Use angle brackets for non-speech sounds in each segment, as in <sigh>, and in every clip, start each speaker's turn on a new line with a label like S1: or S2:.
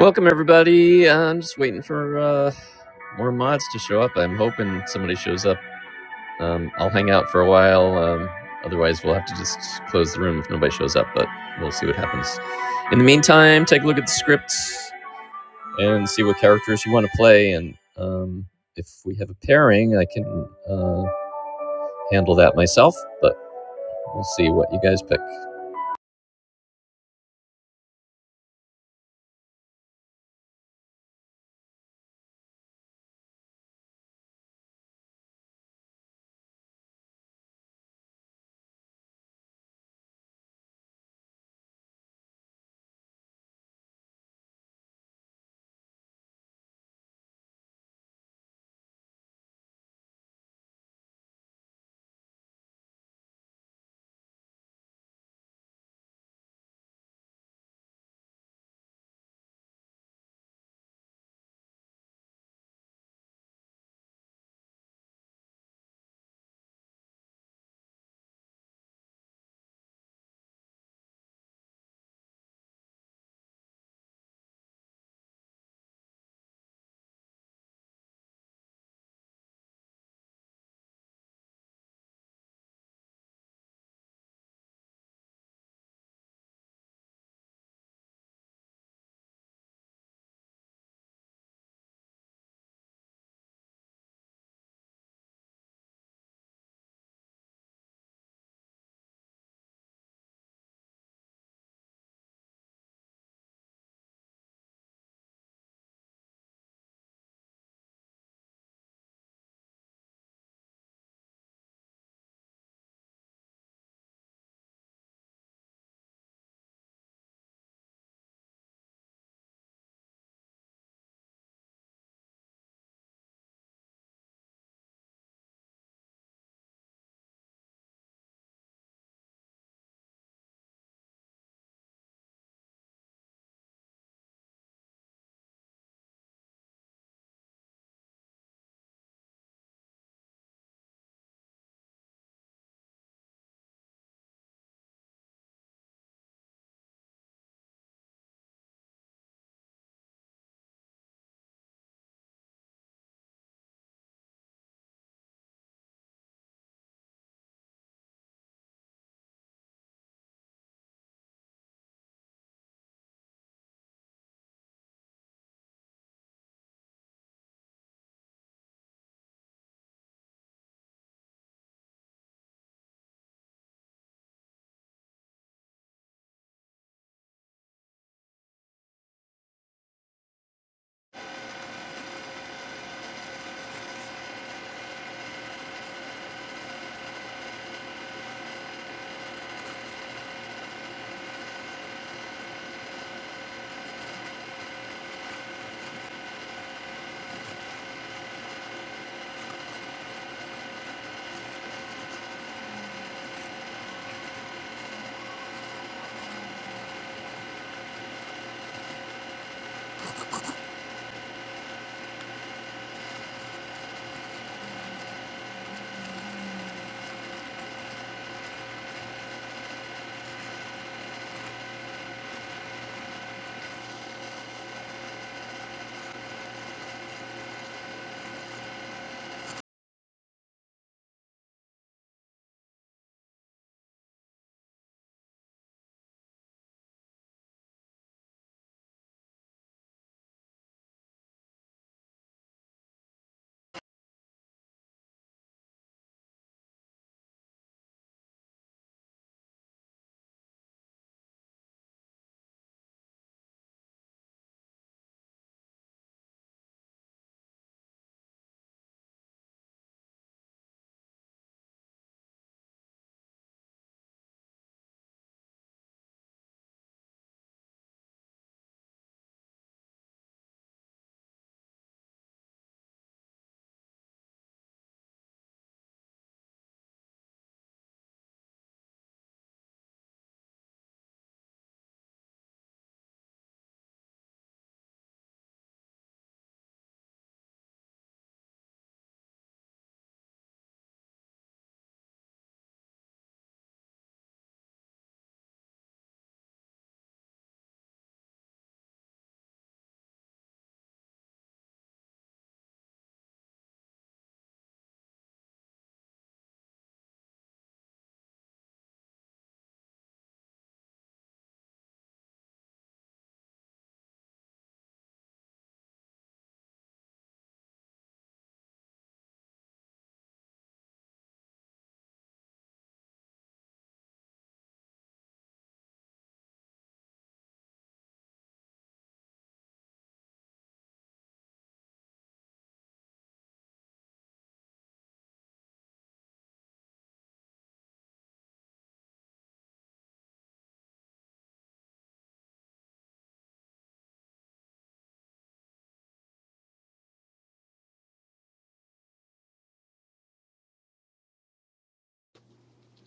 S1: Welcome everybody. I'm just waiting for uh, more mods to show up. I'm hoping somebody shows up. Um, I'll hang out for a while. Um, otherwise, we'll have to just close the room if nobody shows up. But we'll see what happens. In the meantime, take a look at the scripts and see what characters you want to play. And um, if we have a pairing, I can uh, handle that myself. But we'll see what you guys pick.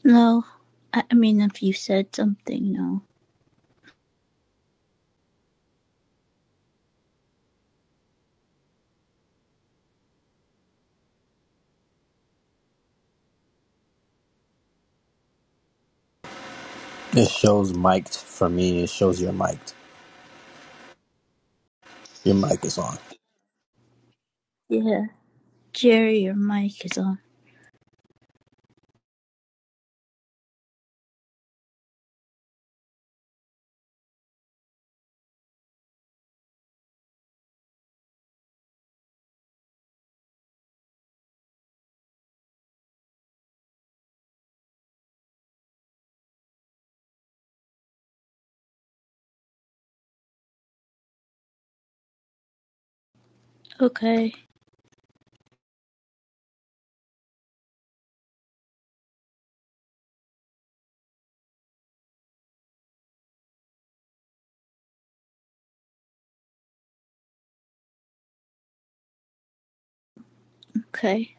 S2: No, I mean, if you said something, no.
S3: It shows mic'd for me. It shows your mic. would Your mic is on.
S2: Yeah, Jerry, your mic is on. Okay, okay.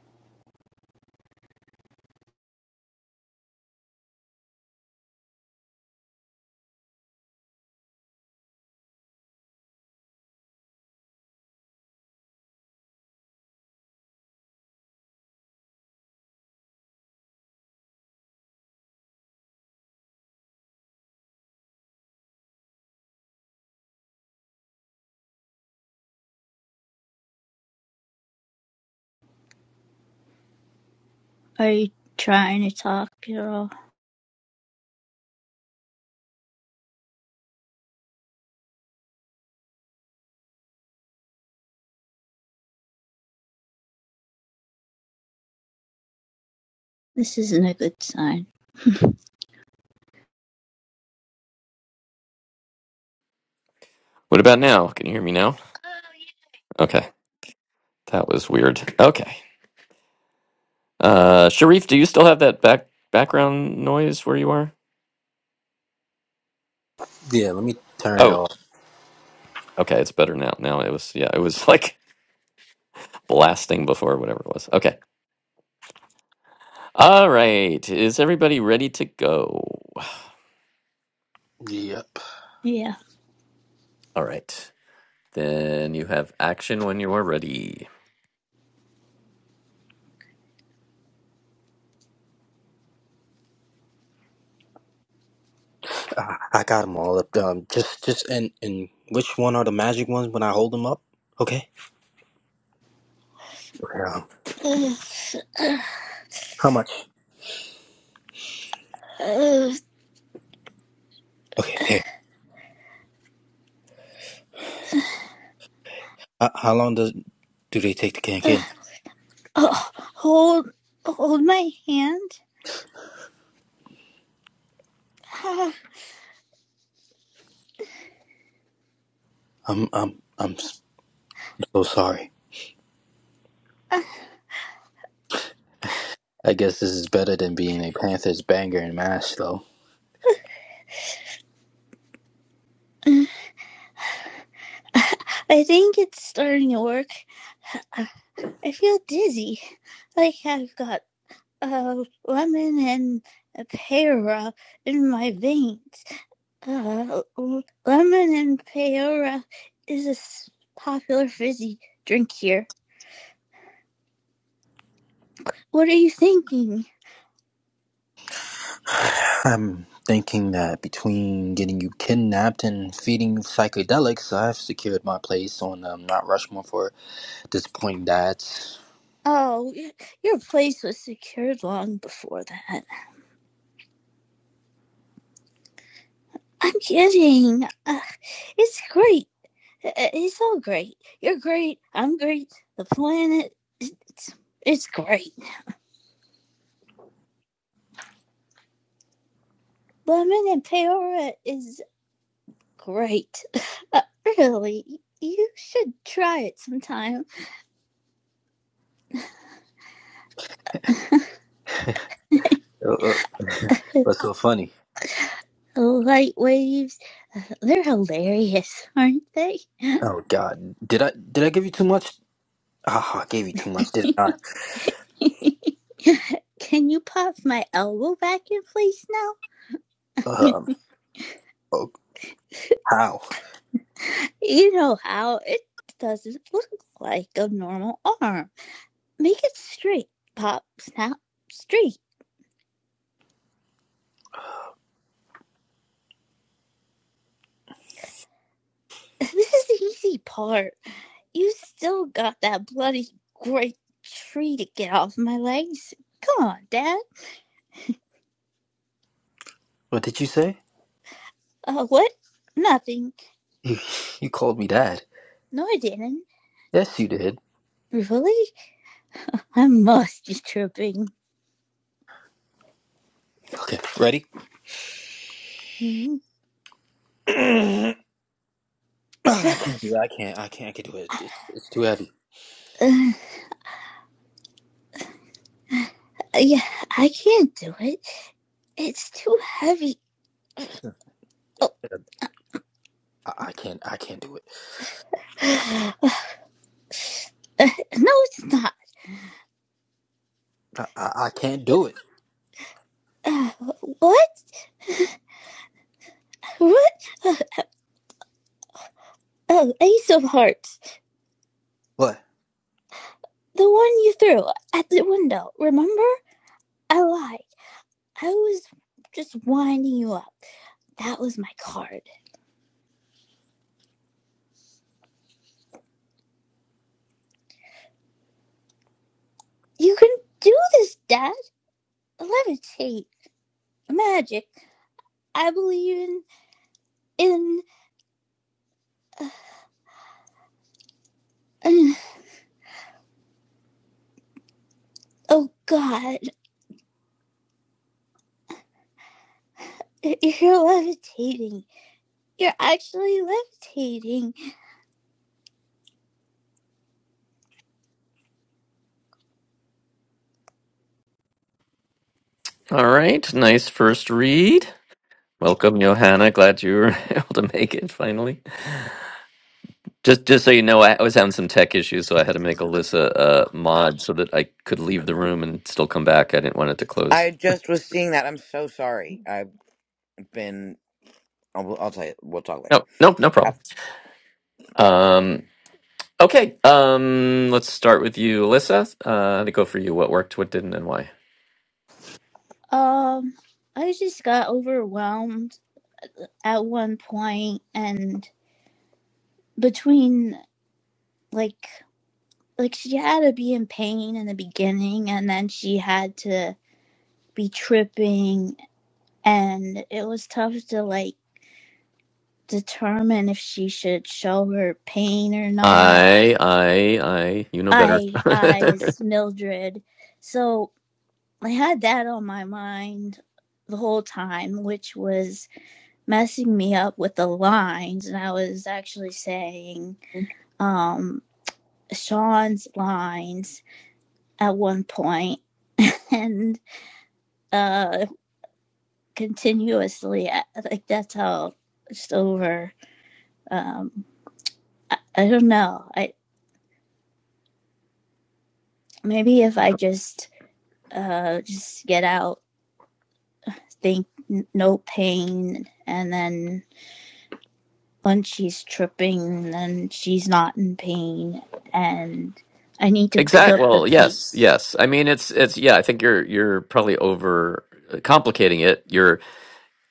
S2: Are you trying to talk, girl? This isn't a good sign. <laughs>
S1: What about now? Can you hear me now? Okay, that was weird. Okay. Uh, Sharif, do you still have that back background noise where you are?
S3: Yeah, let me turn it
S1: Oh,
S3: off.
S1: okay, it's better now. Now it was, yeah, it was <laughs> like blasting before, whatever it was. Okay. All right. Is everybody ready to go? <sighs>
S3: Yep,
S2: yeah.
S1: All right. Then you have action when you are ready.
S3: I, I got them all up. Um, just, just, and and which one are the magic ones when I hold them up? Okay. Okay. Um,
S2: <sighs>
S3: how much?
S2: Uh,
S3: Okay. Here. Uh, how long does do they take to
S2: uh,
S3: get
S2: uh, uh,
S3: in?
S2: Oh, hold, hold my hand. <sighs>
S3: I'm, I'm, I'm so sorry.
S2: Uh,
S3: I guess this is better than being a Panthers banger and mash, though.
S2: uh, I think it's starting to work. Uh, I feel dizzy, like I've got a uh, lemon and a pear in my veins. Uh, lemon and peora is a popular fizzy drink here. What are you thinking?
S3: I'm thinking that between getting you kidnapped and feeding you psychedelics, I've secured my place on um, Not Rushmore for disappointing dads.
S2: Oh, your place was secured long before that. I'm kidding. Uh, it's great. Uh, uh, It's all great. You're great. I'm great. The planet, it's, it's great. Lemon and peora is great. Uh, really, you should try it sometime.
S3: Uh, uh, <laughs> What's so funny?
S2: Light waves They're hilarious, aren't they? <laughs>
S3: Oh God, did I did I give you too much? Ah, I gave you too much, did I?
S2: Can you pop my elbow back in place now?
S3: Um, oh, how?
S2: <laughs> you know how it doesn't look like a normal arm. Make it straight, pop, snap, straight. <laughs> This is the easy part. You still got that bloody great tree to get off my legs. Come on, Dad.
S3: What did you say?
S2: Uh, what? Nothing.
S3: You, you called me dad.
S2: No, I didn't.
S3: Yes, you did.
S2: Really? I must be tripping.
S3: Okay, ready? <coughs>
S2: Mm-hmm.
S3: <clears throat> Ah, I can't do it. I can't. I can't. I can't do it. It's it's too heavy.
S2: <laughs> Uh, Yeah, I can't do it. It's too heavy.
S3: I,
S2: Oh.
S3: I can't. I can't do it.
S2: <sighs> Uh, no, it's not.
S3: I, I, I can't do it.
S2: Uh, what? What? <sighs> Uh, oh, Ace of Hearts.
S3: What?
S2: The one you threw at the window. Remember? I lied. I was just winding you up. That was my card. You can do this, Dad. Levitate. Magic. I believe in. in, in oh, God. <laughs> You're levitating. You're actually levitating.
S1: All right. Nice first read. Welcome, Johanna. Glad you were <laughs> able to make it finally. Just, just so you know, I I was having some tech issues, so I had to make Alyssa a mod so that I could leave the room and still come back. I didn't want it to close.
S4: I just was seeing that. I'm so sorry. I've been. I'll, I'll tell you. We'll talk later.
S1: No, no, no problem.
S4: Af-
S1: Um, okay. Um, let's start with you, Alyssa. Uh, to go for you. What worked, what didn't, and why?
S2: Um, I just got overwhelmed at one point, and between like like she had to be in pain in the beginning, and then she had to be tripping, and it was tough to like determine if she should show her pain or not.
S1: I, I, I. You know better.
S2: I I is Mildred, so I had that on my mind the whole time, which was messing me up with the lines and I was actually saying um Sean's lines at one point <laughs> and uh continuously like that's how just over um I, I don't know I maybe if I just uh just get out think n- no pain and then when she's tripping then she's not in pain and I need
S1: <laughs>
S2: to pick
S1: exact.
S2: up the
S1: Well, yes,
S2: pace.
S1: yes. I mean, it's, it's. Yeah, I think you're, you're probably over uh, complicating it. You're,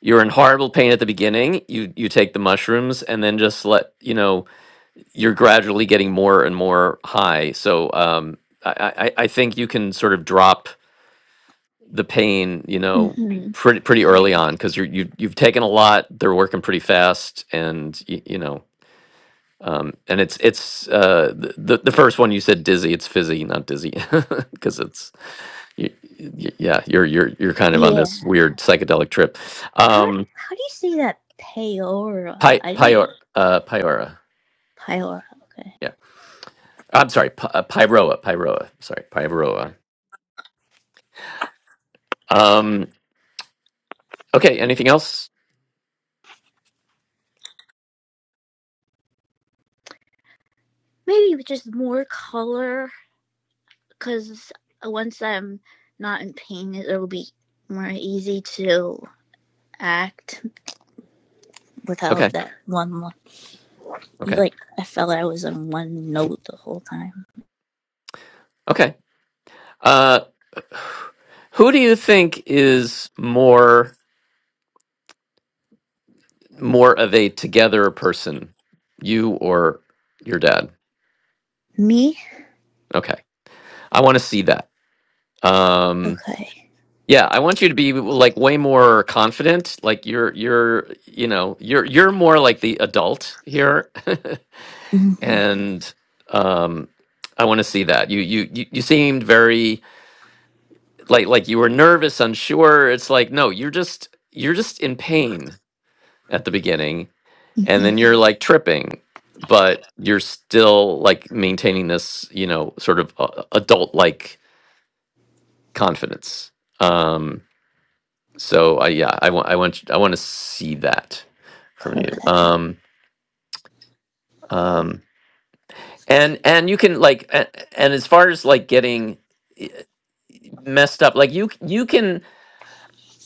S1: you're in horrible pain at the beginning. You, you take the mushrooms, and then just let you know you're gradually getting more and more high. So, um, I, I, I think you can sort of drop the pain, you know,
S2: Mm-hmm.
S1: pretty pretty early on because you're you, you've taken a lot. They're working pretty fast, and you, you know, um, and it's it's uh, the the the first one you said dizzy. It's fizzy, not dizzy, <laughs> because it's you, y yeah, you're you're you're kind of on
S2: Yeah.
S1: this weird psychedelic trip.
S2: How
S1: Um,
S2: how do you say that Peora?
S1: pi
S2: I think
S1: Pior uh, Piora,
S2: Peora. Okay.
S1: yeah. I'm sorry, P- uh, Pyroa, Pyroa. Sorry, Pyroa. Um, okay. Anything else?
S2: Maybe just more color, because once I'm not in pain, it'll be more easy to act
S1: Okay.
S2: without that one. lo-
S1: Okay.
S2: Like I felt I was on one note the whole time.
S1: Okay. Uh, Who do you think is more more of a together person, you or your dad?
S2: Me?
S1: Okay, I want to see that. Um,
S2: Okay.
S1: yeah, I want you to be like way more confident. Like you're you're you know you're you're more like the adult here, <laughs>
S2: Mm-hmm.
S1: and um, I want to see that. You you you you seemed very like like you were nervous, unsure. It's like no, you're just you're just in pain at the beginning and
S2: Mm-hmm.
S1: then you're like tripping but you're still like maintaining this you know sort of adult like confidence um so i yeah i want i want i want to see that from you
S2: Okay.
S1: um um and and you can like and, and as far as like getting eh, messed up like you you can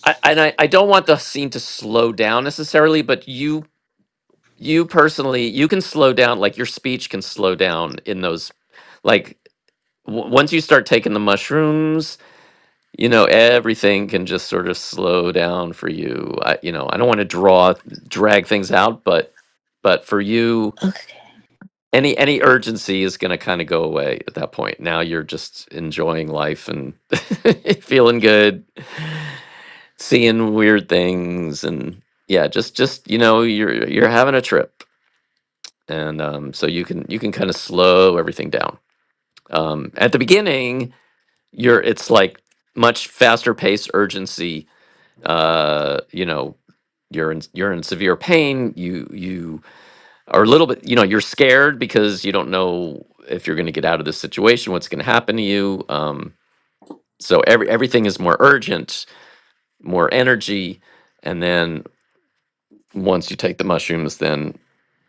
S1: I, and I, I don't want the scene to slow down necessarily but you you personally you can slow down like your speech can slow down in those like w- once you start taking the mushrooms, you know everything can just sort of slow down for you. I, you know, I don't want to draw drag things out, but but for you,
S2: Okay.
S1: any any urgency is going to kind of go away at that point. Now you're just enjoying life and <laughs> feeling good, seeing weird things, and yeah, just just you know you're you're having a trip, and um, so you can you can kind of slow everything down. Um, at the beginning, you're it's like much faster pace urgency uh you know you're in you're in severe pain you you are a little bit you know you're scared because you don't know if you're going to get out of this situation what's going to happen to you um so every everything is more urgent more energy and then once you take the mushrooms, then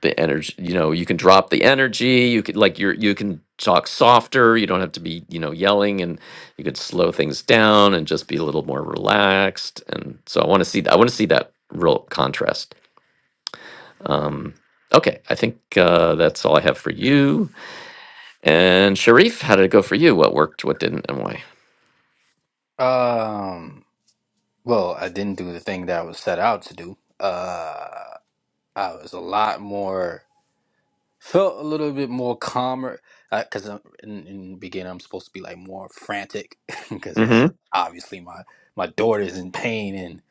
S1: the energy, you know, you can drop the energy. You could like you're you can talk softer. You don't have to be you know yelling, and you could slow things down and just be a little more relaxed. And so I want to see I want to see that real contrast. Um, okay, I think uh, that's all I have for you. And Sharif, how did it go for you? What worked? What didn't? And why?
S3: Um. Well, I didn't do the thing that I was set out to do. Uh, I was a lot more felt a little bit more calmer because I'm in, in the beginning I'm supposed to be like more frantic <laughs> because uh,
S1: Mm-hmm.
S3: obviously my my daughter's in pain and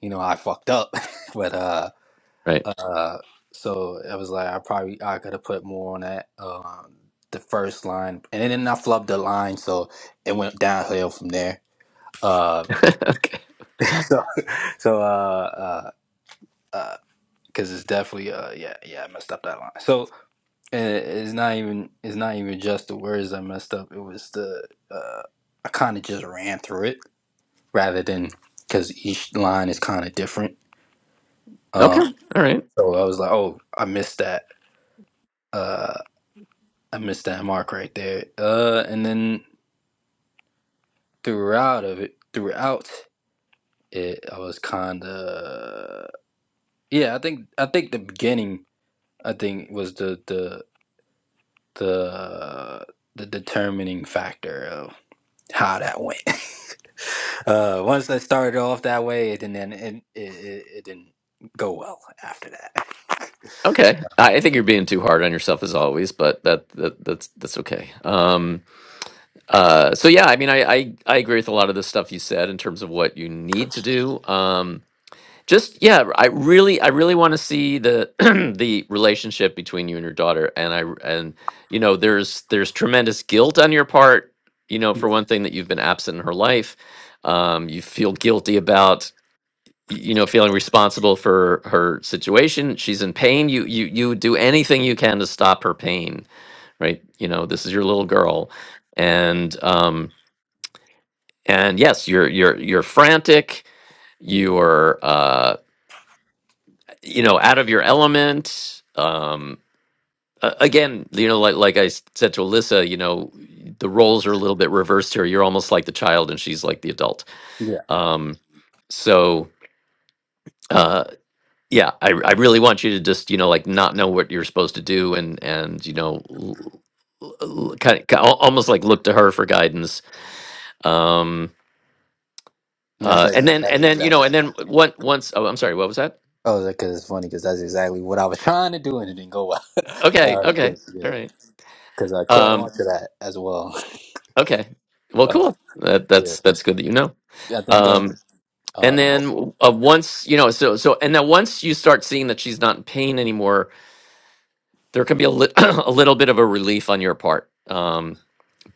S3: you know I fucked up, <laughs> but uh,
S1: Right.
S3: uh, so I was like I probably I could have put more on that um the first line and then I flubbed the line so it went downhill from there. Uh,
S1: Okay.
S3: So, uh, uh, uh, because it's definitely, uh, yeah, yeah, I messed up that line. So uh, it's not even, it's not even just the words I messed up. It was the, uh, I kind of just ran through it rather than because each line is kind of different.
S1: Okay.
S3: Um,
S1: All right.
S3: so I was like, oh, I missed that. Uh, I missed that mark right there. Uh, and then throughout of it, throughout it, I was kind of, yeah, I think, I think the beginning, I think was the the. the the determining factor of how that went. <laughs> uh, once I started off that way, it didn't end- it, it, it, it didn't go well after that.
S1: Okay. I I think you're being too hard on yourself as always, but that, that that's that's okay. Um. Uh, so yeah, I mean, I, I I agree with a lot of the stuff you said in terms of what you need to do. Um, just yeah, I really I really want to see the <clears throat> the relationship between you and your daughter, and I r- and you know there's there's tremendous guilt on your part, you know, for
S3: Yeah,
S1: one thing that you've been absent in her life. Um, you feel guilty about y- you know feeling responsible for her situation. She's in pain. You you you would do anything you can to stop her pain, right? You know, this is your little girl, and um and yes you're you're you're frantic you're uh you know out of your element um a- again you know like like i s- said to alyssa you know the roles are a little bit reversed here you're almost like the child and she's like the adult
S3: yeah.
S1: um so uh yeah i i really want you to just you know like not know what you're supposed to do and and you know kind of almost like look to her for guidance um
S3: And that's
S1: uh and
S3: ex-
S1: then and
S3: that's
S1: then you know
S3: exactly.
S1: and then one once oh i'm sorry what was that
S3: Oh, because it's funny because that's exactly what I was trying to do and it didn't go well. <laughs>
S1: Okay, okay,
S3: Because
S1: all
S3: yeah,
S1: right.
S3: because I caught
S1: Um,
S3: on to that as well.
S1: okay, well,
S3: Uh,
S1: cool. That, that's that's good that you know.
S3: yeah, I think. Uh,
S1: Um,
S3: uh,
S1: and
S3: oh,
S1: then uh, once you know, so so, and then once you start seeing that she's not in pain anymore, there can be a, lit <clears throat> a little bit of a relief on your part. Um,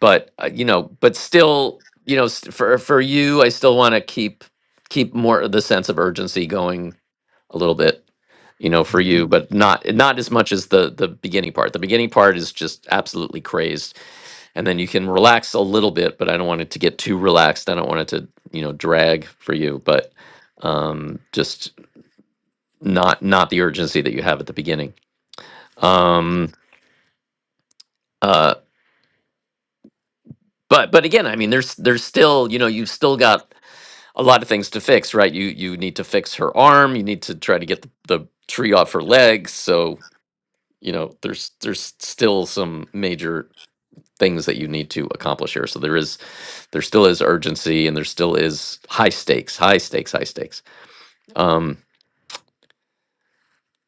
S1: but uh, you know, but still, you know, st- for for you, I still want to keep keep more of the sense of urgency going a little bit. You know, for
S3: mhm.
S1: you, but not not as much as the the beginning part. The beginning part is just absolutely crazed and then you can relax a little bit but i don't want it to get too relaxed i don't want it to you know drag for you but um just not not the urgency that you have at the beginning um uh but but again i mean there's there's still you know you've still got a lot of things to fix right you you need to fix her arm you need to try to get the, the tree off her legs so you know there's there's still some major things that you need to accomplish here. So there is, there still is urgency, and there still is high stakes, high stakes, high stakes. Um,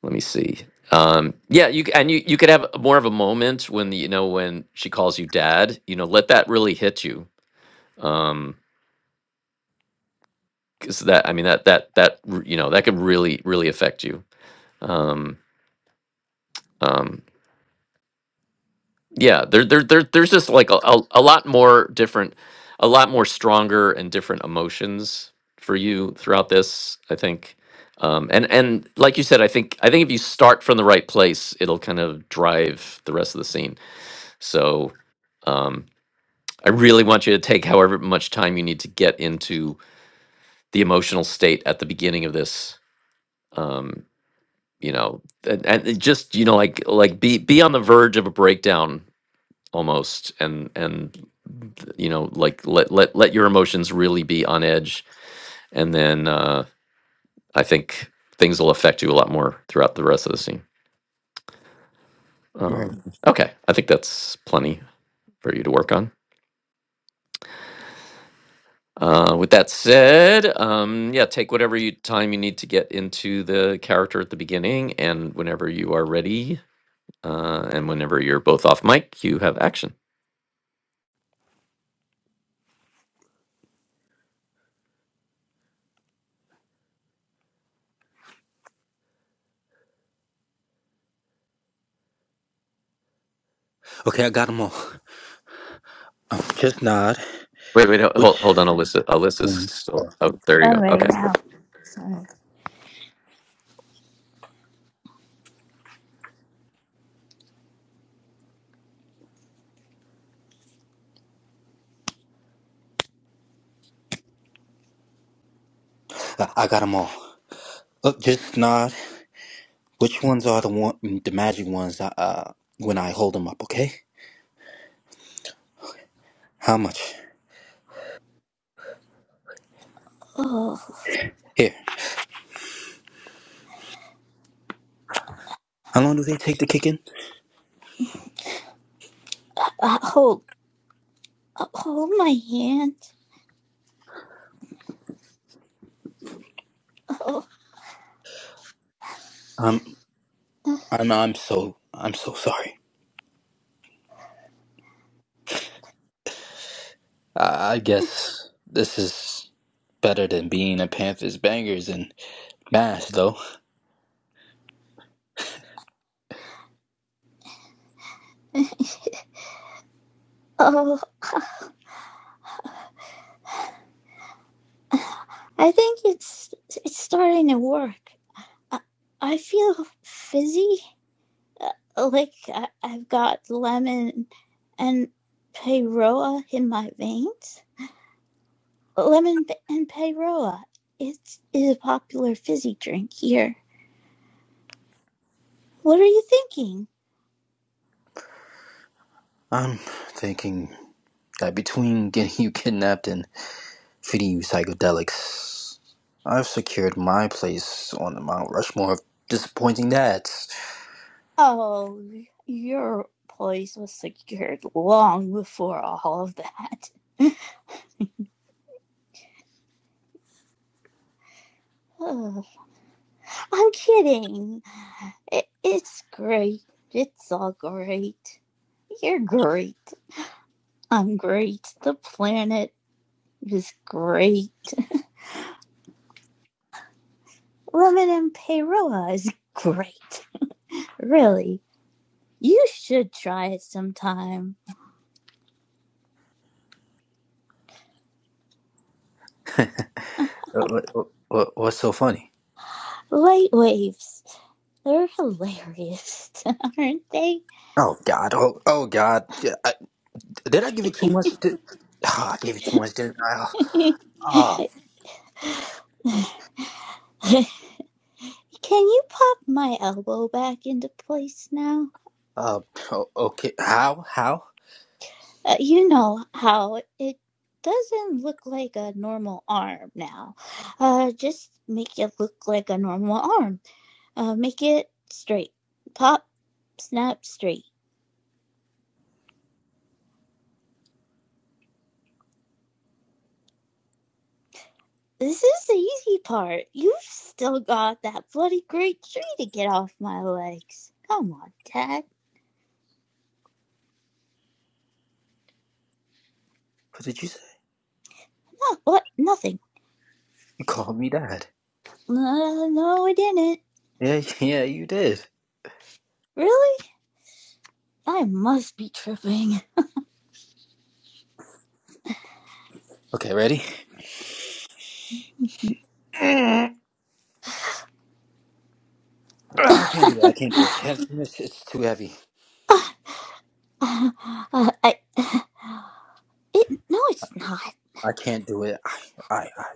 S1: let me see. Um, yeah, you c- and you you could have more of a moment when you know when she calls you dad. You know, let that really hit you. Um, because that I mean that that that r- you know that could really really affect you. Um, um yeah there, there, there there's just like a, a, a lot more different a lot more stronger and different emotions for you throughout this i think um and and like you said i think i think if you start from the right place it'll kind of drive the rest of the scene so um i really want you to take however much time you need to get into the emotional state at the beginning of this um you know and, and it just you know like like be be on the verge of a breakdown almost and and you know like let let let your emotions really be on edge and then uh i think things will affect you a lot more throughout the rest of the scene
S3: right.
S1: um okay i think that's plenty for you to work on uh with that said um yeah take whatever you time you need to get into the character at the beginning and whenever you are ready uh and whenever you're both off mic you have action
S3: Okay, I got them all. Um, just nod.
S1: wait wait ho-
S3: Which
S1: hold, hold on alyssa alyssa's
S3: ones?
S1: still-
S3: Oh.
S1: oh there you
S2: All
S1: go
S2: right
S1: okay
S2: now. Sorry.
S3: I, I got them all. Uh, just nod. Which ones are the one, the magic ones? That, uh, when I hold them up, okay? How much?
S2: Oh,
S3: Here. How long do they take to kick in?
S2: uh, uh, hold, uh, hold my hand. Oh,
S3: Um, I'm, I'm so, I'm so sorry. I, I guess this is better than being a Panthers bangers and mash, though.
S2: Oh, I think it's it's starting to work. I, I feel fizzy, uh, like I, I've got lemon and peyroa in my veins. Lemon p- and peyroa. It's is a popular fizzy drink here. What are you thinking?
S3: I'm thinking that between <laughs> getting you kidnapped and feeding you psychedelics, I've secured my place on the Mount Rushmore of disappointing dads.
S2: Oh, your place was secured long before all of that. <sighs> Ugh. I'm kidding. It, it's great. It's all great. You're great. I'm great. The planet is great. Lemon and Peroa is great. Really. You should try it sometime.
S3: <laughs> What- what- what- What's so funny?
S2: Light waves. They're hilarious, aren't they?
S3: Oh God! Oh oh God! Yeah, I- Did I give you too much?
S2: <laughs>
S3: Did, Ah, I gave you too much, didn't I? Oh, Ah,
S2: Can you pop my elbow back into place now?
S3: uh, oh, okay. How? How?
S2: Uh, you know how it doesn't look like a normal arm now. Uh, just make it look like a normal arm Uh, make it straight. Pop, snap, straight. This is the easy part. You've still got that bloody great tree to get off my legs. Come on, Dad.
S3: What did you say?
S2: No, what? Nothing.
S3: You called me dad.
S2: No, no, I didn't.
S3: Yeah, <laughs> yeah, you did.
S2: Really? I must be tripping.
S3: Okay, ready? Mm,
S2: <laughs> uh,
S3: ah, I can't do it. I can't do it. It's, it's too heavy.
S2: I, it, no, it's not.
S3: I can't do it. I, I, I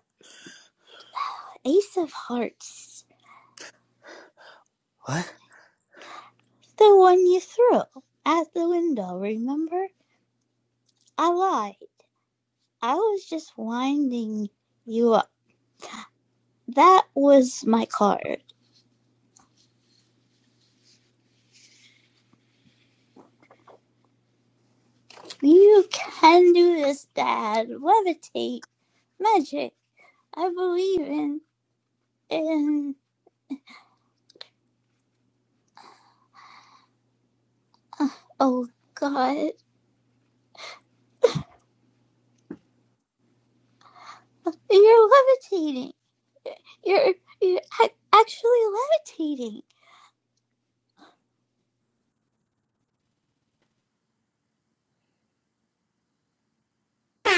S2: Ace of Hearts.
S3: what?
S2: The one you threw at the window, remember? I lied. I was just winding you up. That was my card. You can do this, Dad. Levitate. Magic. I believe in in oh god. You're levitating. You're you're actually levitating.
S1: All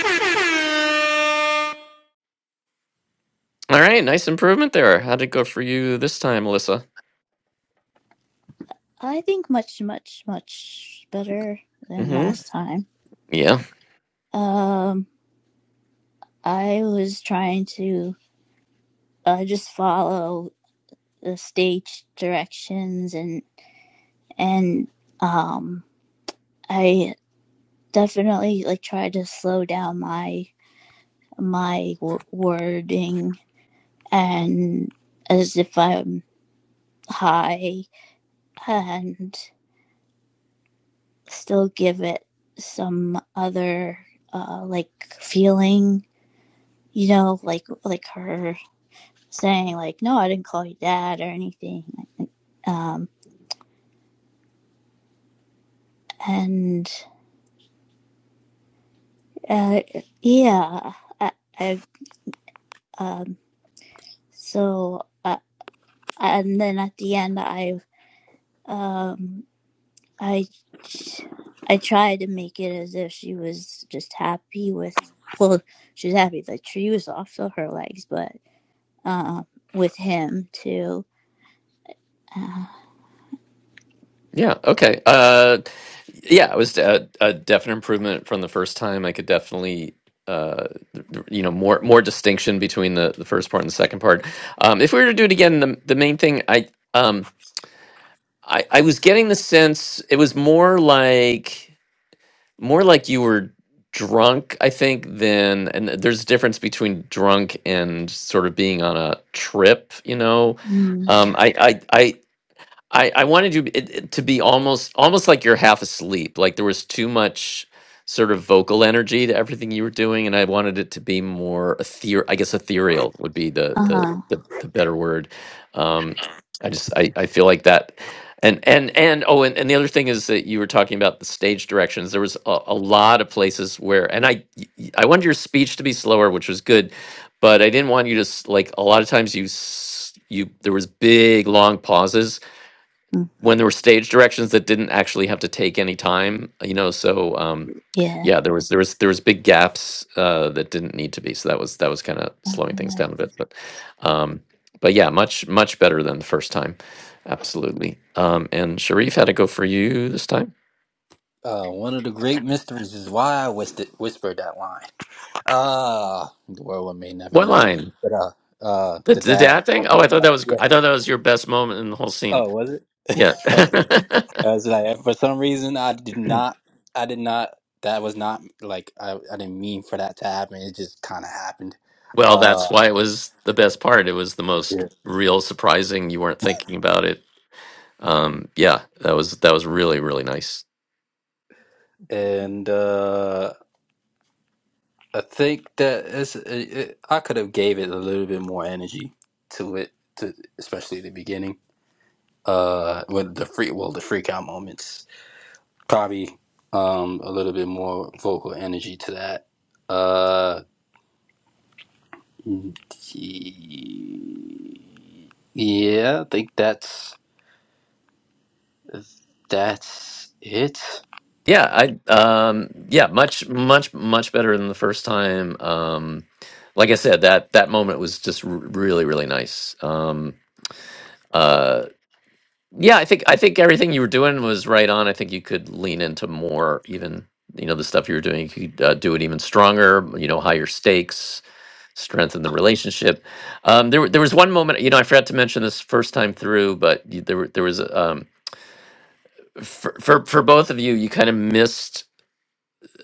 S1: right, nice improvement there. How'd it go for you this time, Alyssa?
S2: I think much much much better than
S1: Mm-hmm.
S2: last time.
S1: Yeah,
S2: Um I was trying to uh, just follow the stage directions and and um I definitely like try to slow down my my w- wording and as if I'm high and still give it some other uh like feeling you know like like her saying like no I didn't call you dad or anything um and uh yeah I, I um so uh, and then at the end I um I I tried to make it as if she was just happy with well, she's happy the tree was off of her legs, but uh, with him too. Uh
S1: yeah, okay. Uh, yeah, it was a, a definite improvement from the first time. I could definitely, uh, th- th- you know, more more distinction between the, the first part and the second part. Um, if we were to do it again, the the main thing I um I I was getting the sense it was more like. more like you were drunk i think than and there's a difference between drunk and sort of being on a trip you know um i i I I, I wanted you it, it to be almost almost like you're half asleep. Like there was too much sort of vocal energy to everything you were doing, and I wanted it to be more ether. I guess ethereal would be the the
S2: huh.
S1: the, the better word. Um, I just I, I feel like that. And and and oh, and, and the other thing is that you were talking about the stage directions. There was a, a lot of places where, and I y- y- I wanted your speech to be slower, which was good, but I didn't want you to s- like a lot of times you s- you there was big long pauses when there were stage directions that didn't actually have to take any time you know so um
S2: Yeah.
S1: yeah there was there was there was big gaps uh that didn't need to be so that was that was kind of
S2: Uh,
S1: slowing things down a bit but um but yeah much much better than the first time absolutely um and sharif had to go for you this time
S3: Uh, one of the great mysteries is why I whispered, whispered that line. Ah, the world may never
S1: what
S3: know.
S1: line
S3: But uh, uh,
S1: the,
S3: the
S1: the
S3: dad
S1: dad thing
S3: called me
S1: oh i thought
S3: dad.
S1: that was gr-
S3: Yeah.
S1: i thought that was your best moment in the whole scene
S3: Oh, was it?
S1: yeah
S3: Okay. I was like, for some reason, I did not, I did not, that was not like, I, I didn't mean for that to happen. It just kind of happened.
S1: <laughs> well
S3: Uh,
S1: that's why it was the best part it was the most
S3: yeah.
S1: real surprising you weren't thinking about it um yeah that was that was really really nice
S3: And uh, I think that it's, it, it, I could have gave it a little bit more energy to it, to especially the beginning. Uh, with the free, well, the freak out moments, probably um a little bit more vocal energy to that. Uh, yeah, I think that's. That's it.
S1: yeah i um yeah much much much better than the first time um like i said that that moment was just r- really really nice um uh yeah i think i think everything you were doing was right on i think you could lean into more even you know the stuff you were doing you could uh, do it even stronger you know higher stakes strengthen the relationship um there, wa- there was one moment you know i forgot to mention this first time through but y- there, were- there was um for for for both of you, you kind of missed.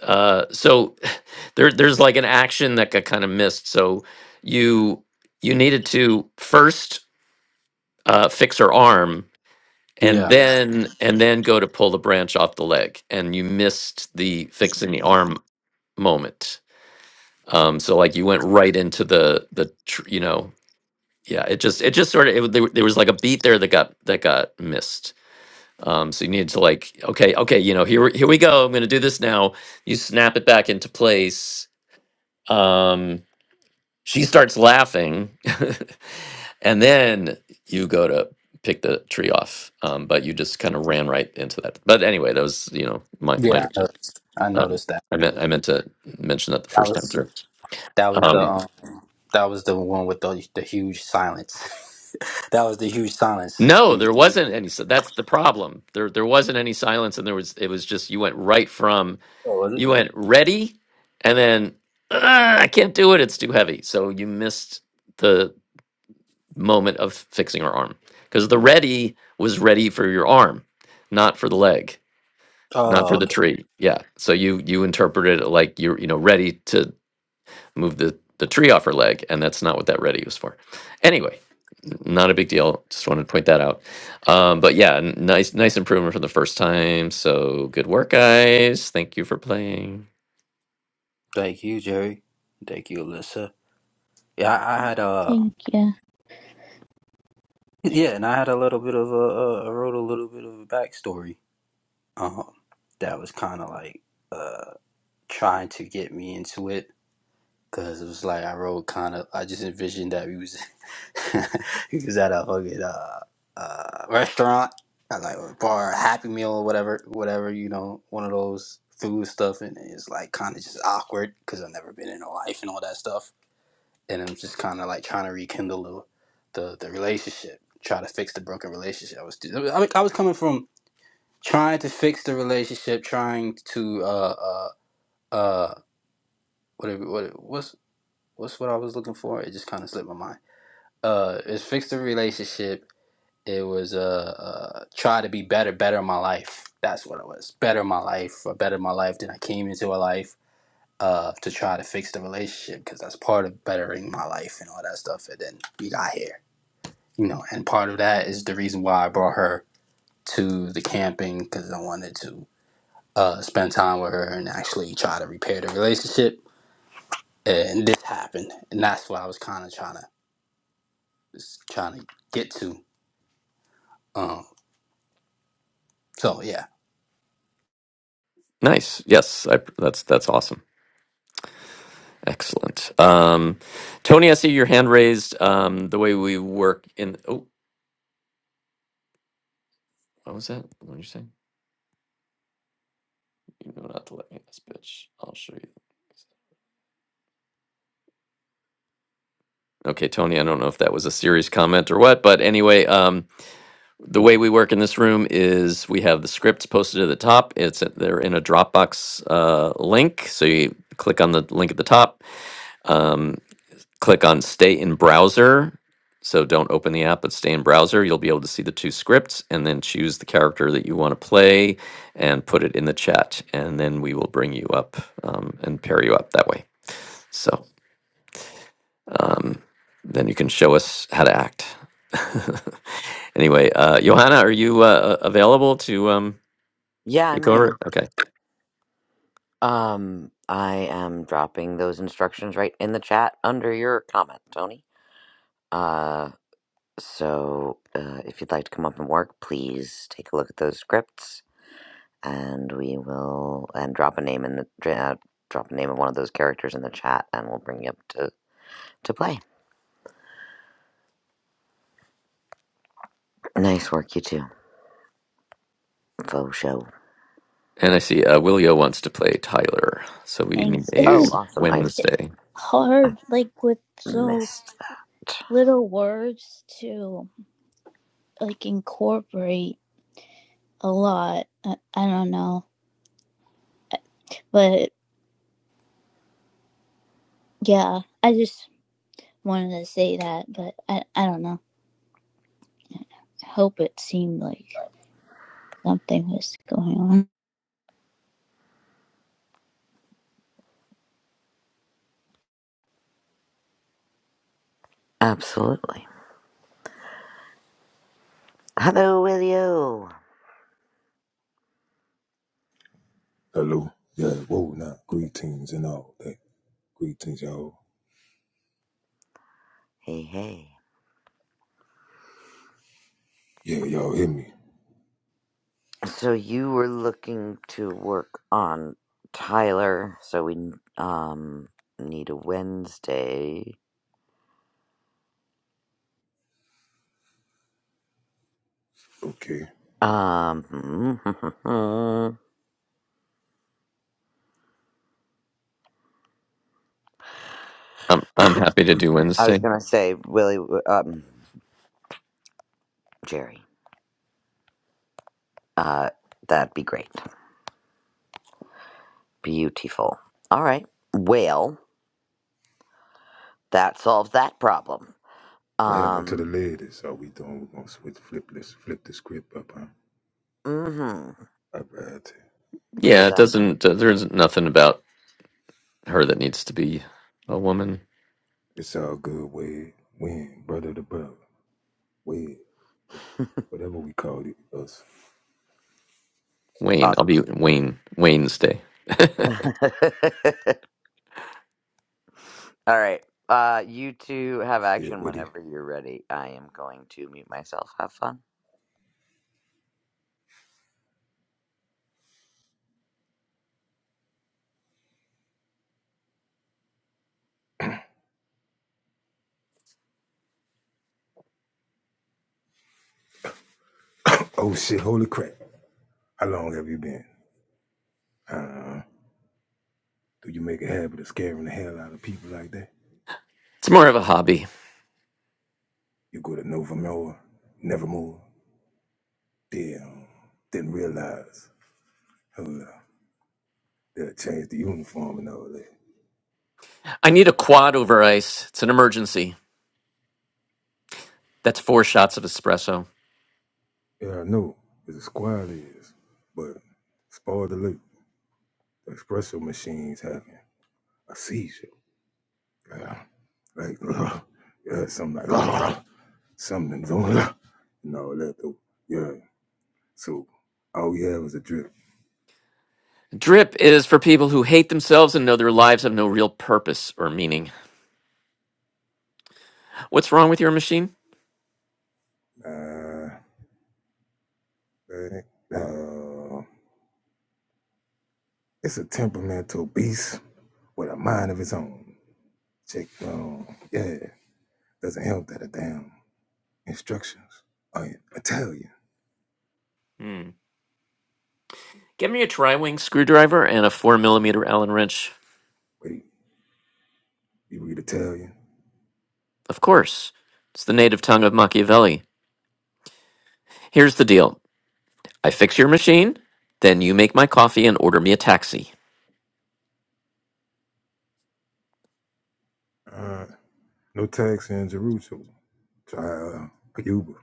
S1: Uh, so <laughs> <sighs> there there's like an action that got kind of missed. So you you needed to first uh, fix her arm, and
S3: Yeah,
S1: then and then go to pull the branch off the leg, and you missed the fixing the arm moment. Um, so like you went right into the the tr- you know yeah it just it just sort of it, there, there was like a beat there that got that got missed Um, so you need to like, okay, okay, you know, here we- here we go. I'm gonna do this now. You snap it back into place. Um, she starts laughing, <laughs> and then you go to pick the tree off. Um, but you just kind of ran right into that. But anyway, that was you know my my.
S3: yeah, I noticed. I
S1: Um,
S3: noticed that
S1: I meant
S3: too.
S1: I meant to mention that the
S3: That
S1: first time
S3: was
S1: through.
S3: that was the
S1: Um,
S3: um that was the one with the the huge silence. <laughs> that was the huge silence.
S1: no,
S3: In
S1: there
S3: between.
S1: wasn't any. So that's the problem. There there wasn't any silence, and there was it was just you went right from
S3: Oh, was it?
S1: You went ready, and then "Ah, I can't do it. It's too heavy. So you missed the moment of fixing her arm because the ready was ready for your arm, not for the leg, not for
S3: Oh,
S1: the
S3: okay.
S1: tree. Yeah. So you you interpreted it like you're you know ready to move the the tree off her leg, and that's not what that ready was for. Anyway, n- not a big deal. Just wanted to point that out. Um, but yeah, n- nice nice improvement from the first time. So good work, guys. Thank you for playing.
S3: Thank you, Jerry. Thank you, Alyssa. Yeah, I, I had a
S2: thank you.
S3: yeah, and I had a little bit of a, a I wrote a little bit of a backstory. Um, that was kind of like uh trying to get me into it. Cause it was like I wrote kind of. I just envisioned that we was <laughs> we was at a fucking uh, uh, restaurant, uh, like or bar, Happy Meal or whatever, whatever you know, one of those food stuff, and it's like kind of just awkward because I've never been in a life and all that stuff, and I'm just kind of like trying to rekindle the, the the relationship, try to fix the broken relationship. I was I, was- I was coming from trying to fix the relationship, trying to uh uh uh. Whatever, what, what's what's what I was looking for? It just kind of slipped my mind. Uh, it's fix the relationship. It was uh, uh try to be better, better my life. That's what it was. Better my life, or better my life than I came into a life. Uh, to try to fix the relationship because that's part of bettering my life and all that stuff. And then we got here, you know. And part of that is the reason why I brought her to the camping because I wanted to uh spend time with her and actually try to repair the relationship. And this happened, and that's what I was kind of trying to Just trying to get to. Um, so yeah.
S1: Nice. Yes, I, that's that's awesome. Excellent. Um, Tony, I see your hand raised. Um, the way we work in oh, what was that? What did you say? You know not to let me in this bitch. I'll show you. Okay, Tony, I don't know if that was a serious comment or what, but anyway, um, the way we work in this room is we have the scripts posted at the top. It's they're in a Dropbox uh, link, so you click on the link at the top. Um. click on stay in browser. So don't open the app, but stay in browser. You'll be able to see the two scripts and then choose the character that you want to play and put it in the chat. And then we will bring you up um, and pair you up that way. So um, then you can show us how to act. <laughs> anyway, uh, Johanna, are you uh, a- available to um,
S4: Yeah,
S1: take
S4: I'm
S1: over?
S4: here.
S1: Okay.
S4: Um, I am dropping those instructions right in the chat under your comment, Tony. Uh, so uh, if you'd like to come up and work, please take a look at those scripts, and we will and drop a name in the dra- uh, drop a name of one of those characters in the chat, and we'll bring you up to to play. Nice work, you two. Faux show.
S1: And I see uh, Willio wants to play Tyler. So we need
S2: Thanks. It
S1: a
S4: Oh,
S2: was
S4: awesome! I
S1: Wednesday.
S4: I
S2: hard, like with so
S4: missed that.
S2: little words to like incorporate a lot. I, I don't know, but yeah, I just wanted to say that, but I I don't know. help it seemed like something was going on.
S4: Absolutely. Hello, Willio.
S5: Hello. Yeah, whoa now. Greetings and all that. Greetings, y'all.
S4: Hey, hey.
S5: Yeah, y'all hear me.
S4: So you were looking to work on Tyler, so we um need a Wednesday.
S5: Okay.
S4: Um, <laughs>
S1: I'm, I'm happy to do
S4: I
S1: Wednesday.
S4: was gonna say, Willie, um, Jerry. Uh, that'd be great. Beautiful. All right. Well, that solves that problem.
S5: What happened to
S4: Um,
S5: the ladies? Are we doing? We're gonna switch flip this flip the script up, huh?
S4: mm-hmm.
S5: I bet
S1: Yeah,
S4: Because
S1: it
S4: I'm
S1: doesn't. Uh, there isn't nothing about her that needs to be a woman.
S5: It's all good, Wade. Win, brother to brother. Wade. Whatever we called it, us.
S1: Wayne,
S4: awesome.
S1: I'll be Wayne. Wayne's day. <laughs> it's
S4: <laughs> All right. Uh, you two have
S5: It's still
S4: action
S5: with it.
S4: whenever you're ready. I am going to mute myself. Have fun.
S5: Oh shit, holy crap. How long have you been? Uh do you make a habit of scaring the hell out of people like that?
S1: more of a hobby.
S5: You go to Nevermore, Nevermore, Damn, didn't realize. Hold up. They'll change the uniform and all that.
S1: I need a quad over ice. It's an emergency. That's four shots of espresso.
S5: Yeah, I know. It's a squad is. But spoil the loop. The espresso machine's having a seizure. Yeah. Like, <laughs> uh, yeah, something like, <laughs> uh, something going on. And all that, though. Yeah. So all we had was a drip.
S1: Drip is for people who hate themselves and know their lives have no real purpose or meaning. What's wrong with your machine?
S5: Uh, uh, it's a temperamental beast with a mind of its own. Check, um, yeah. Doesn't help that a damn instructions I in Italian.
S1: Hmm. Give me a tri-wing screwdriver and a four millimeter Allen wrench.
S5: Wait. You read Italian.
S1: Of course, it's the native tongue of Machiavelli. Here's the deal. I fix your machine, then you make my coffee and order me a taxi.
S5: Uh, no taxi in Jerusalem. Try uh, Cuba.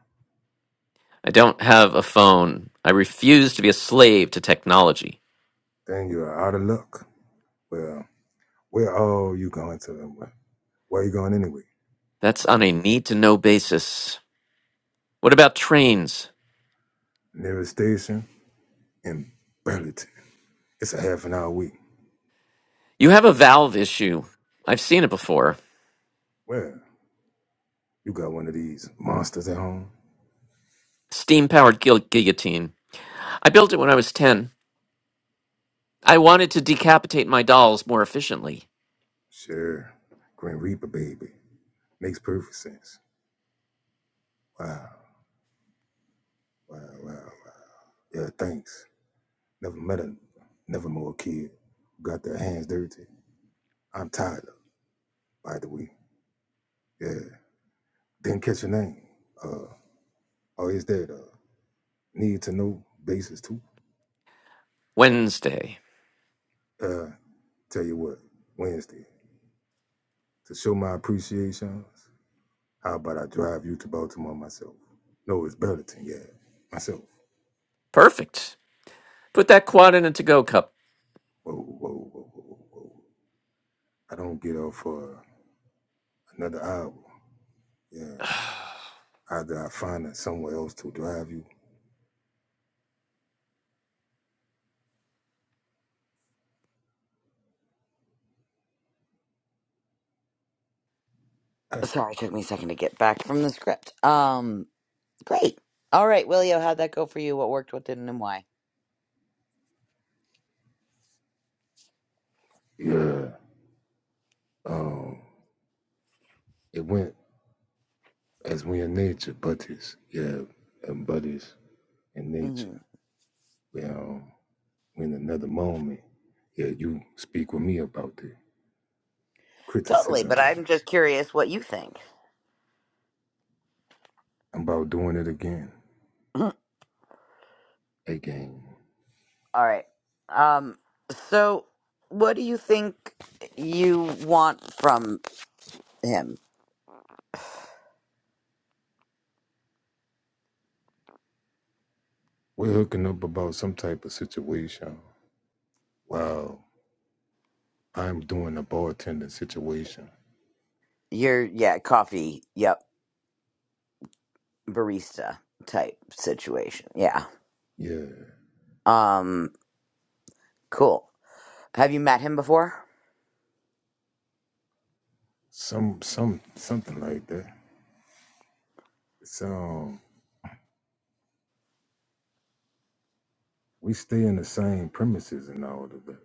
S1: I don't have a phone. I refuse to be a slave to technology.
S5: Then you're out of luck. Well, where are you going to? Where where you going anyway?
S1: That's on a need to know basis. What about trains?
S5: Nearest station in Burlington. It's a half an hour wait.
S1: You have a valve issue. I've seen it before.
S5: Well, you got one of these monsters at home?
S1: Steam powered guil- guillotine. I built it when I was 10. I wanted to decapitate my dolls more efficiently.
S5: Sure. Green Reaper, baby. Makes perfect sense. Wow, wow, wow, wow. Yeah, thanks. Never met a, never more kid. Got their hands dirty. I'm tired of, it, by the way. Yeah. Didn't catch your name. Uh, oh, is that uh, need to know basis too?
S1: Wednesday.
S5: Uh, tell you what, Wednesday to show my appreciations. How about I drive you to Baltimore myself? No, it's Burlington, yeah, myself.
S1: Perfect. Put that quad in a to go cup.
S5: Whoa, whoa, whoa, whoa, whoa! I don't get off for uh, another hour. Yeah,
S1: <sighs>
S5: either I find it somewhere else to drive you. I,
S4: Sorry, it took me a second to get back from the script. Um, great. All right, Willio, how'd that go for you? What worked, what didn't, and why?
S5: yeah. Um, it went as we in nature, buddies. Yeah, and buddies in
S4: hmm
S5: nature. Yeah. in another moment, yeah, you speak with me about the
S4: Totally, but
S5: criticism, man.
S4: I'm just curious what you think.
S5: I'm about doing it again.
S4: <clears throat> All
S5: Again.
S4: right. Um, so what do you think you want from him?
S5: We're hooking up about some type of situation. While I'm doing a bartender situation.
S4: Your yeah, coffee. Yep, barista type situation. Yeah.
S5: Yeah.
S4: Um, cool. Have you met him before?
S5: Some some something like that. So um, we stay in the same premises and all of that.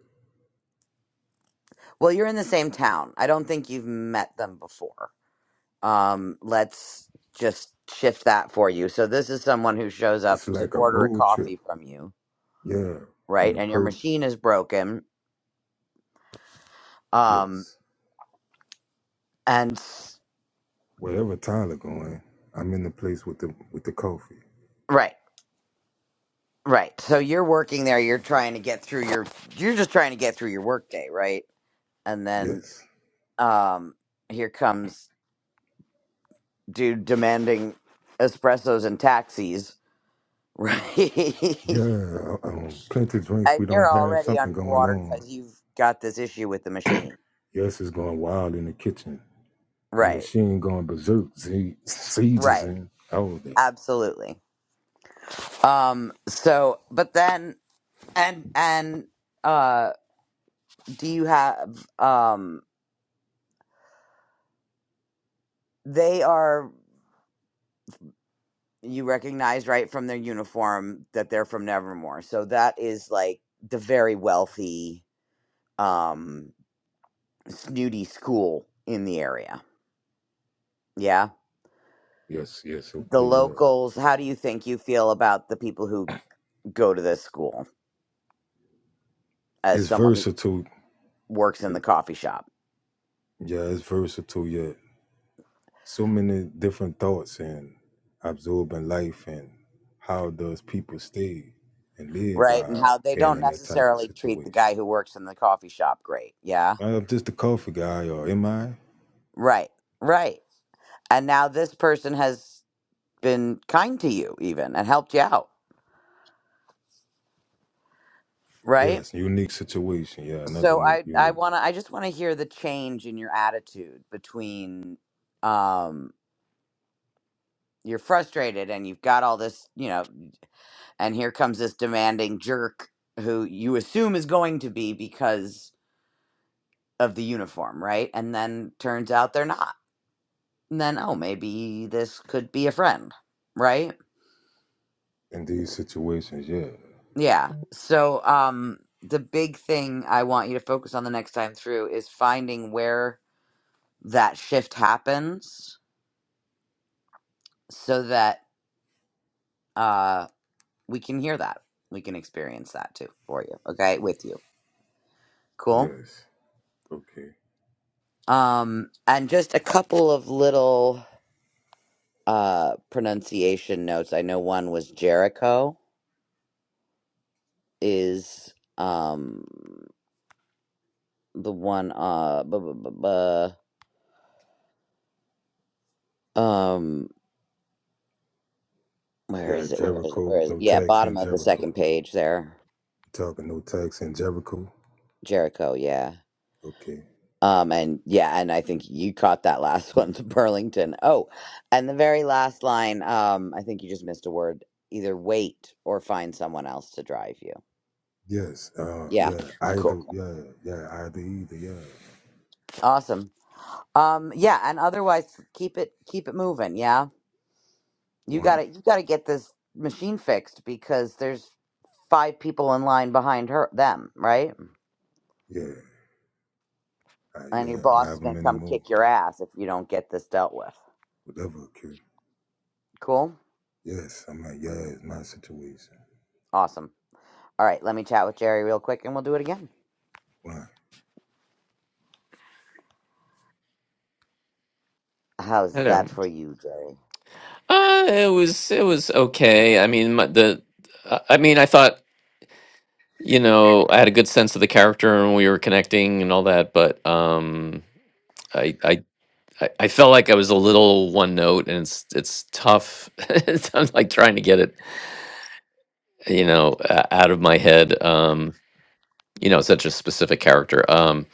S4: Well, you're in the same town. I don't think you've met them before. Um, let's just shift that for you. So this is someone who shows
S5: It's
S4: up to
S5: like a
S4: order a
S5: road trip.
S4: coffee from you,
S5: Yeah.
S4: right?
S5: And the
S4: And your
S5: person
S4: machine is broken. Um,
S5: yes.
S4: and s-
S5: Wherever Tyler going, I'm in the place with the with the coffee.
S4: right, right. So you're working there. You're trying to get through your. You're just trying to get through your workday, right? And then
S5: Yes.
S4: um, here comes dude demanding espressos and taxis, right? <laughs>
S5: Yeah, uh, um, plenty of drinks.
S4: And
S5: We don't
S4: you're
S5: have
S4: already
S5: something going
S4: underwater
S5: on.
S4: because you've got this issue with the machine.
S5: Yes, it's going wild in the kitchen. The
S4: Right.
S5: machine going berserk. Z- sieges
S4: Right.
S5: and all that.
S4: Absolutely. Um, so but then and and uh do you have um they are you recognize right from their uniform that they're from Nevermore. So that is like the very wealthy um snooty school in the area. Yeah.
S5: Yes, yes,
S4: The
S5: okay, yeah.
S4: locals, how do you think you feel about the people who go to this school as
S5: It's
S4: someone who
S5: versatile.
S4: works in the
S5: It-
S4: coffee shop,
S5: yeah, it's versatile. Yeah, so many different thoughts and absorbing life and how does people stay and live
S4: right? And how
S5: while
S4: they
S5: being
S4: don't
S5: in that type of
S4: necessarily treat the
S5: situation.
S4: guy who works in the coffee shop great. Yeah.
S5: Uh, I'm just a coffee guy, or am I?
S4: Right. Right. And now this person has been kind to you even and helped you out, right?
S5: Yes, unique situation. Yeah, another
S4: So
S5: unique,
S4: I I
S5: unique.
S4: want to I just want to hear the change in your attitude between um you're frustrated and you've got all this, you know, and here comes this demanding jerk who you assume is going to be because of the uniform, right? And then turns out they're not and then oh maybe this could be a friend right
S5: in these situations, yeah.
S4: yeah so um the big thing i want you to focus on the next time through is finding where that shift happens so that uh we can hear that we can experience that too for you okay with you cool
S5: Yes. Okay.
S4: um and just a couple of little uh pronunciation notes i know one was jericho is um the one uh buh, buh, buh, buh. Um, where
S5: Yeah,
S4: is it? Where is it?
S5: Jericho.
S4: Where is it?
S5: No
S4: Yeah,
S5: tax in
S4: bottom of the
S5: Jericho.
S4: second page there.
S5: talking no tax in Jericho?
S4: Jericho, yeah.
S5: Okay.
S4: Um, and yeah, and I think you caught that <laughs> last one to Burlington. Oh, and the very last line, um, I think you just missed a word. Either wait or find someone else to drive you.
S5: Yes. Uh
S4: Yeah.
S5: yeah.
S4: Cool.
S5: Either
S4: cool.
S5: yeah, yeah, either either, yeah.
S4: Awesome. Um, yeah, and otherwise keep it keep it moving, yeah. You
S5: One.
S4: gotta you gotta get this machine fixed because there's five people in line behind her them, right?
S5: Yeah. I,
S4: And your
S5: yeah.
S4: boss is
S5: However
S4: going to
S5: many
S4: come
S5: more.
S4: kick your ass if you don't get this dealt with.
S5: Whatever occur.
S4: Cool?
S5: Yes. I'm like, yeah, it's my situation.
S4: Awesome. All right, let me chat with Jerry real quick and we'll do it again.
S5: One.
S4: How's
S1: Hello.
S4: that for you, Jerry?
S1: Uh, it was it was okay. I mean, my- the I I mean, I thought. you know, I had a good sense of the character and we were connecting and all that, but um, I, I, I I felt like I was a little one note, and it's it's tough. <laughs> It's- I'm like trying to get it, you know, o- out of my head. Um, you know, such a specific character. Um,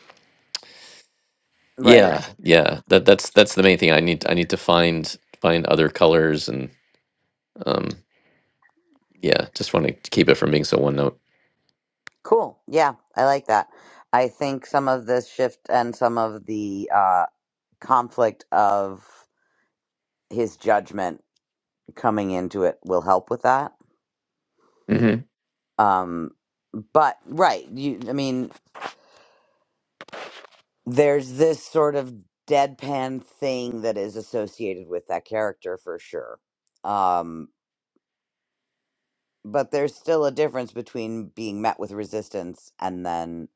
S1: yeah,
S4: Right.
S1: Right. yeah. That that's that's the main thing. I need I need to find find other colors and um, yeah. Just want to keep it from being so one note.
S4: Cool. Yeah, I like that. I think some of this shift and some of the uh, conflict of his judgment coming into it will help with that.
S1: hmm
S4: Um, but right, you. I mean, there's this sort of deadpan thing that is associated with that character for sure. Um, but there's still a difference between being met with resistance and then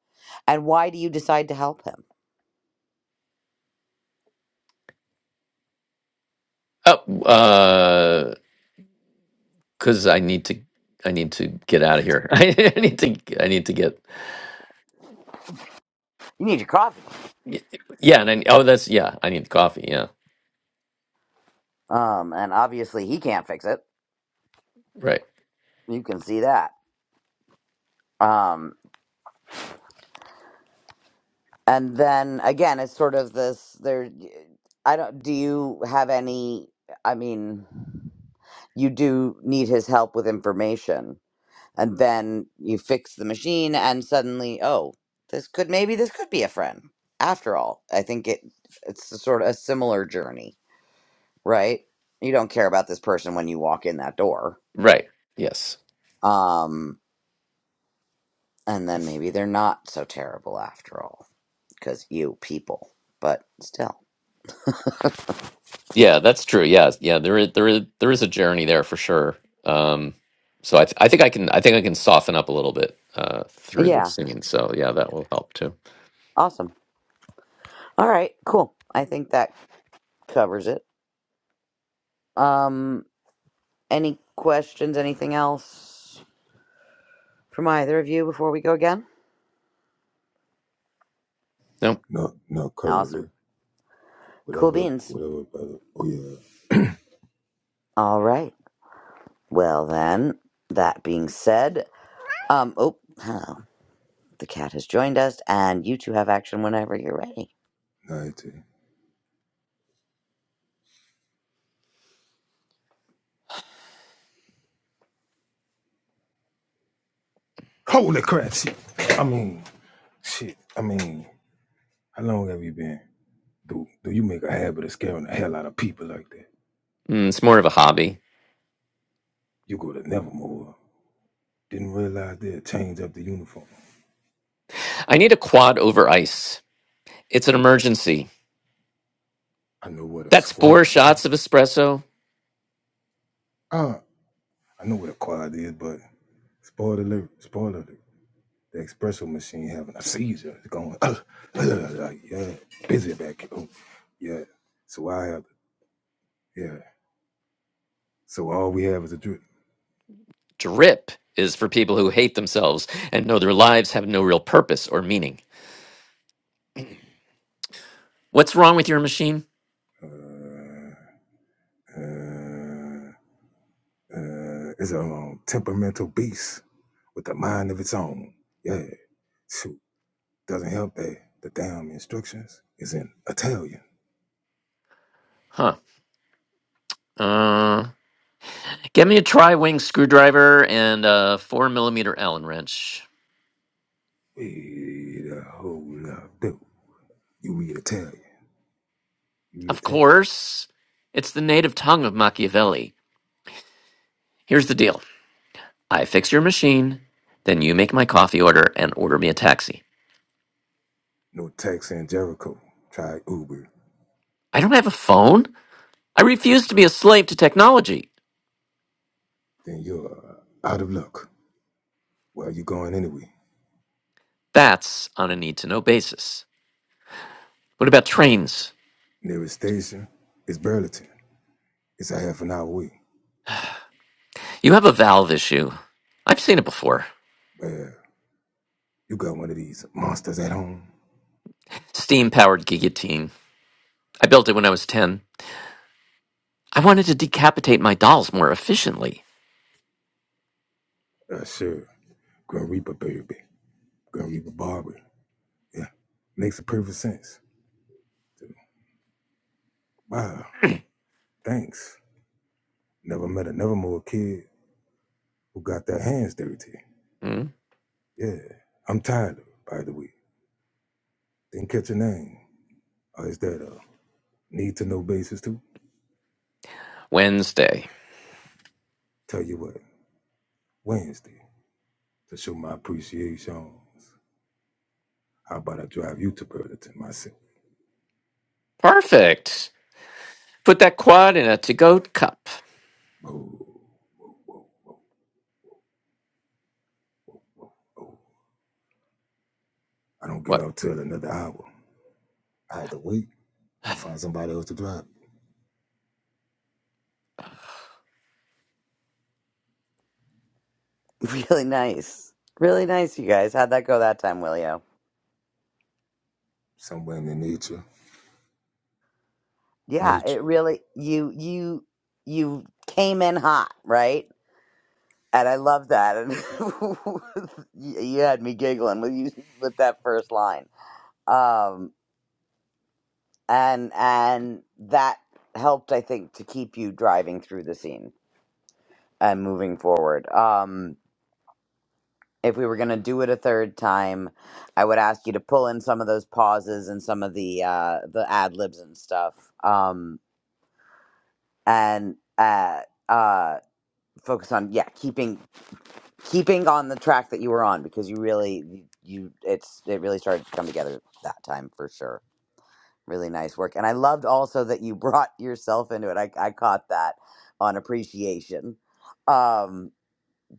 S4: and why do you decide to help him?
S1: Oh, uh, because I need to I need to get out of here. <laughs> I need to I need to get
S4: You need your coffee.
S1: y- yeah, and I, oh that's yeah, I need coffee. Yeah,
S4: Um, and obviously he can't fix it.
S1: right,
S4: You can see that. Um, and then again, it's sort of this there I don't do you have any I mean you do need his help with information and then you fix the machine and suddenly oh this could maybe this could be a friend after all i think it it's a sort of a similar journey right you don't care about this person when you walk in that door
S1: right. Yes,
S4: um and then maybe they're not so terrible after all because you people but still
S1: yeah, that's true. Yeah, yeah. There is there is there is a journey there for sure. Um, so I th- I think I can I think I can soften up a little bit uh through the
S4: yeah
S1: singing. So yeah, that will help too.
S4: awesome all right cool i think that covers it um any questions anything else from either of you before we go again
S1: No,
S5: Not not
S4: awesome
S5: currently.
S4: cool
S5: Whatever
S4: beans
S5: whatever brother. Oh yeah.
S4: All right. Well, then, that being said, um, oh, oh, the cat has joined us, and you two have action whenever you're ready.
S5: Ninety. Holy crap shit. I mean shit. I mean, how long have you been? Do do you make a habit of scaring the hell out of people like that?
S1: mm, it's more of a hobby.
S5: You go to Nevermore. Didn't realize they'd change up the uniform.
S1: I need a quad over ice. It's an emergency.
S5: I know what a
S1: That's
S5: squad.
S1: four
S5: what?
S1: shots of espresso
S5: Uh, I know what a quad is, but spoiler alert, spoiler alert. The espresso machine having a seizure. It's going, uh, uh, like, yeah, busy back here. Oh, yeah. So I have, yeah. So all we have is a drip.
S1: Drip is for people who hate themselves and know their lives have no real purpose or meaning. What's wrong with your machine?
S5: Uh, uh, uh, it's a um, temperamental beast with a mind of its own. Yeah. so Doesn't help that the damn instructions is in Italian.
S1: Huh. Uh, get me a tri wing screwdriver and a 4 millimeter Allen wrench.
S5: Wait a whole lot dude. You read Italian. You read
S1: Of
S5: Italian.
S1: course. It's the native tongue of Machiavelli. Here's the deal I fix your machine, then you make my coffee order and order me a taxi.
S5: No tax in Jericho. Try Uber.
S1: I don't have a phone. I refuse to be a slave to technology.
S5: Then you're uh, out of luck. Where are you going anyway?
S1: That's on a need to know basis. What about trains?
S5: Nearest station is Burlington. It's a half an hour away.
S1: You have a valve issue. I've seen it before.
S5: Well, you got one of these monsters at home.
S1: Steam powered guillotine. I built it when I was 10. I wanted to decapitate my dolls more efficiently.
S5: Uh, sure. Grim Reaper, baby. Grim Reaper Barber. Yeah. Makes the perfect sense. Wow. Thanks. Never met a Nevermore kid who got their hands dirty.
S1: Hmm?
S5: Yeah, I'm tired of it, by the way. Didn't catch a name. Or is that a need to know basis too?
S1: Wednesday.
S5: Tell you what, Wednesday, to show my appreciations. how about I drive you to Burlington myself?
S1: Perfect. Put that quad in a to go cup.
S5: Oh, oh, oh. I don't get
S1: What?
S5: off till another hour. I had to wait. I'll find somebody else to drive.
S4: <laughs> Really nice. Really nice, you guys. How'd that go that time, Willio?
S5: Somewhere in the nature.
S4: Yeah, it
S5: Nature.
S4: really, you, you, you came in hot, right? And I love that. And <laughs> you you had me giggling with you with that first line. Um, and and that helped, I think, to keep you driving through the scene and moving forward. Um, if we were going to do it a third time, I would ask you to pull in some of those pauses and some of the uh, the ad libs and stuff, um, and uh, uh, focus on yeah keeping keeping on the track that you were on because you really you it's it really started to come together that time for sure. Really nice work, and I loved also that you <laughs> brought yourself into it. I I caught that on appreciation. Um,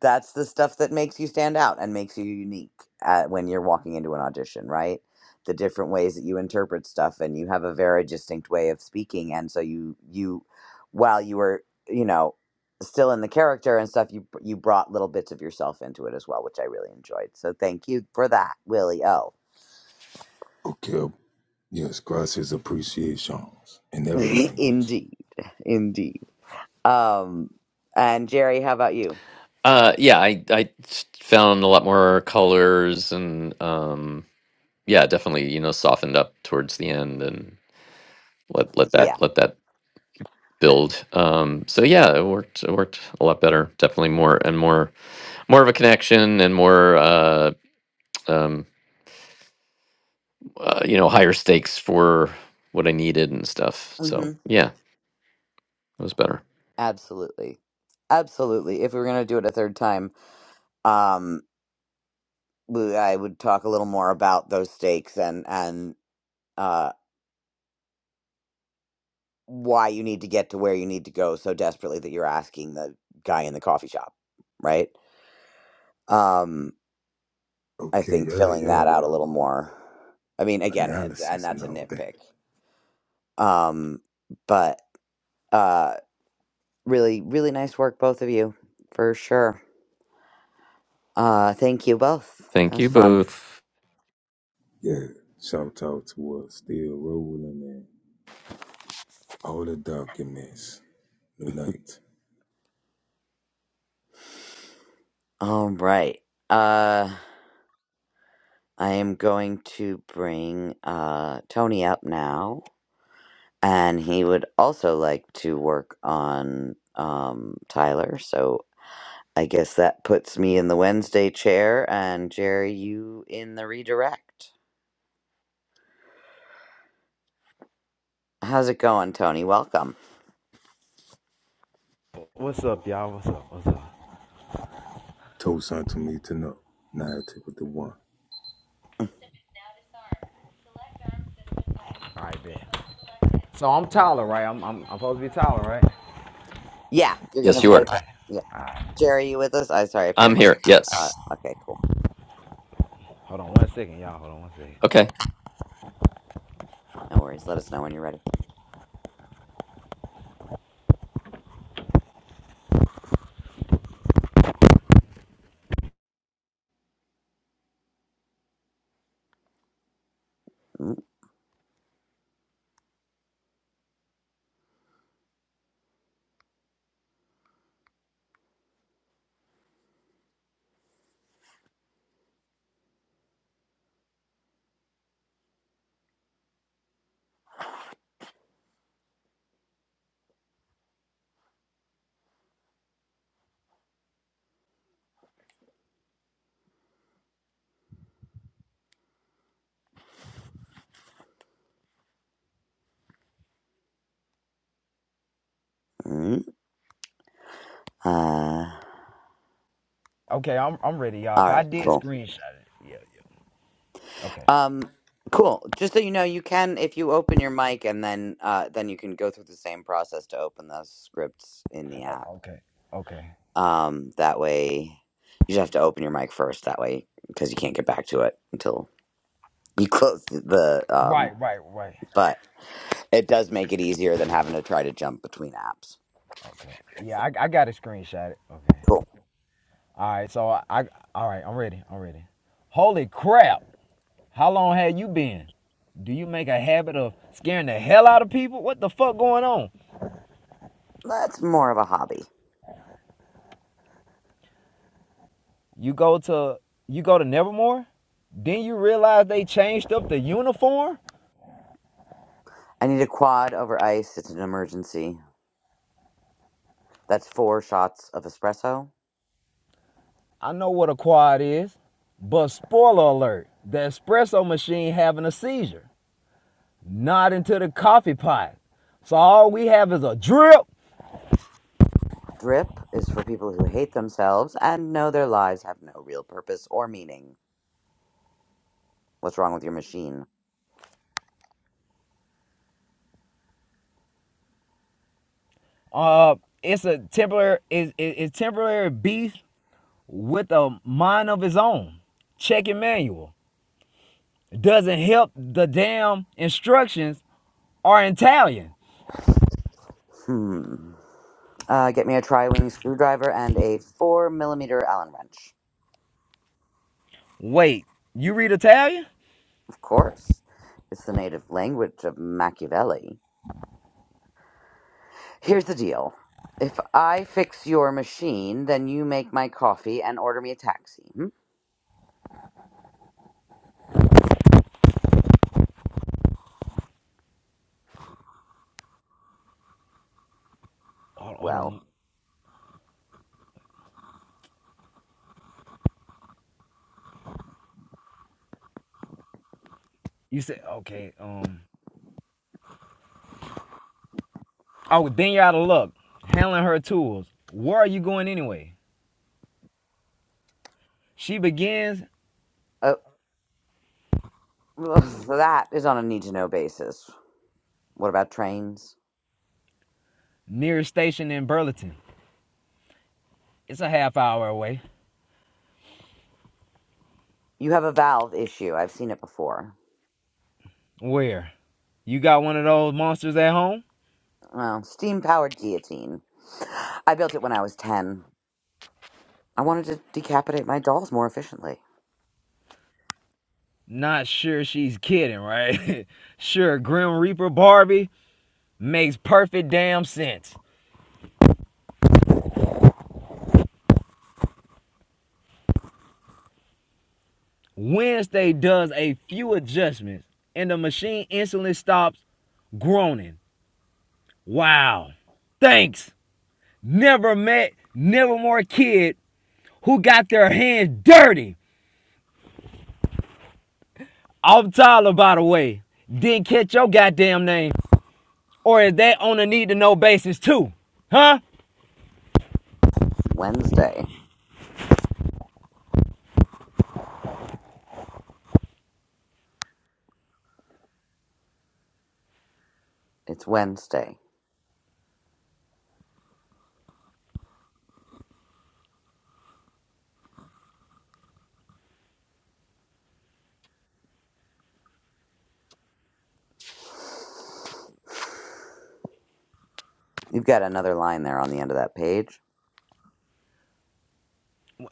S4: that's the stuff that makes you stand out and makes you unique at, when you're walking into an audition, right? The different ways that you interpret stuff, and you have a very distinct way of speaking, and so you you, while you were you know still in the character and stuff, you you brought little bits of yourself into it as well, which I really enjoyed. So thank you for that, Willie O.
S5: Okay. Yes, gracias appreciations in
S4: <laughs>
S5: every language.
S4: indeed, indeed. Um, and Jerry, how about you?
S1: Uh, yeah, I, I found a lot more colors and, um, yeah, definitely, you know, softened up towards the end and let, let that,
S4: Yeah,
S1: let that build. Um, so yeah, it worked, it worked a lot better. Definitely more and more more of a connection and more uh, um, uh, you know, higher stakes for what I needed and stuff. So
S4: hmm
S1: yeah, it was better.
S4: absolutely, absolutely. If we were gonna do it a third time. um we, I would talk a little more about those stakes and and uh why you need to get to where you need to go so desperately that you're asking the guy in the coffee shop, right? Um I
S5: Okay,
S4: think
S5: yeah,
S4: filling
S5: yeah,
S4: that out
S5: the
S4: a little
S5: um,
S4: more. I mean again, it- and
S5: analysis and
S4: that's a
S5: all that.
S4: nitpick. Um but uh really really nice work both of you for sure. Uh thank you both. That
S1: Thank
S4: was
S1: you
S4: fun.
S1: both.
S5: Yeah, shout out to us, still rolling in all the documents. New night.
S4: All right. Uh. I am going to bring uh, Tony up now, and he would also like to work on um, Tyler. So I guess that puts me in the Wednesday chair, and Jerry, you in the redirect. How's it going, Tony? Welcome.
S6: What's up, y'all? What's up? What's up?
S5: Toast unto me to know. Nine to with the one.
S6: All right, bet. So I'm Tyler, right? I'm I'm, I'm supposed to be Tyler, right?
S4: Yeah, you're gonna
S1: Yes, you
S6: Okay.
S4: play.
S1: are.
S6: All
S4: Ty-
S6: right.
S4: yeah, Jerry, you with us? I sorry, I pulled
S1: I'm
S4: my.
S1: here.
S4: Uh,
S1: Yes.
S4: okay, cool.
S6: Hold on one second, y'all. Hold on one second.
S1: Okay.
S4: No worries. Let us know when you're ready. Mm-hmm. Uh,
S6: Okay, I'm I'm ready, y'all.
S4: all
S6: Cause I
S4: right,
S6: did
S4: cool.
S6: screenshot it. Yeah, yeah. Okay.
S4: Um, cool. Just so you know, you can if you open your mic and then uh then you can go through the same process to open the scripts in the app.
S6: Oh, okay. Okay.
S4: Um, that way you just have to open your mic first that way because you can't get back to it until you <laughs> close the um
S6: Right, right, right.
S4: but it does make it easier than having to try to jump between apps.
S6: Okay. Yeah, I, I got to screenshot it. Okay.
S4: Cool.
S6: All right. So I, I all right. I'm ready. I'm ready. Holy crap! How long have you been? Do you make a habit of scaring the hell out of people? What the fuck going on?
S4: That's more of a hobby.
S6: You go to you go to Nevermore, then you realize they changed up the uniform.
S4: I need a quad over ice. It's an emergency. That's four shots of espresso.
S6: I know what a quad is, but spoiler alert: the espresso machine having a seizure, not into the coffee pot. So all we have is a drip.
S4: Drip is for people who hate themselves and know their lives have no real purpose or meaning. What's wrong with your machine?
S6: Uh, it's a temporary it's it's temporary beef with a mind of his own. Check your manual It doesn't help. The damn instructions are Italian.
S4: Hmm. Uh, get me a tri wing screwdriver and a 4 millimeter Allen wrench.
S6: Wait, you read Italian?
S4: Of course. It's the native language of Machiavelli. Here's the deal if I fix your machine, then you make my coffee and order me a taxi. Hmm?
S6: Hold, on. hold
S4: Well,
S6: on. You said okay. Um. Oh, then you're out of luck. Handling her tools. Where are you going anyway? She begins
S4: uh, <laughs> that is on a need to know basis. What about trains?
S6: nearest station in Burlington. It's a half hour away.
S4: You have a valve issue. I've seen it before.
S6: Where? You got one of those monsters at home?
S4: well, steam powered guillotine. I built it when I was 10. I wanted to decapitate my dolls more efficiently.
S6: Not sure she's kidding, right? <laughs> sure, Grim Reaper Barbie makes perfect damn sense. Wednesday does a few adjustments, and the machine instantly stops groaning. Wow. Thanks. Never met, never more kid who got their hands dirty off Tyler, by the way, didn't catch your goddamn name, or is that on a need to know basis too? Huh?
S4: Wednesday. It's Wednesday. You've got another line there on the end of that page,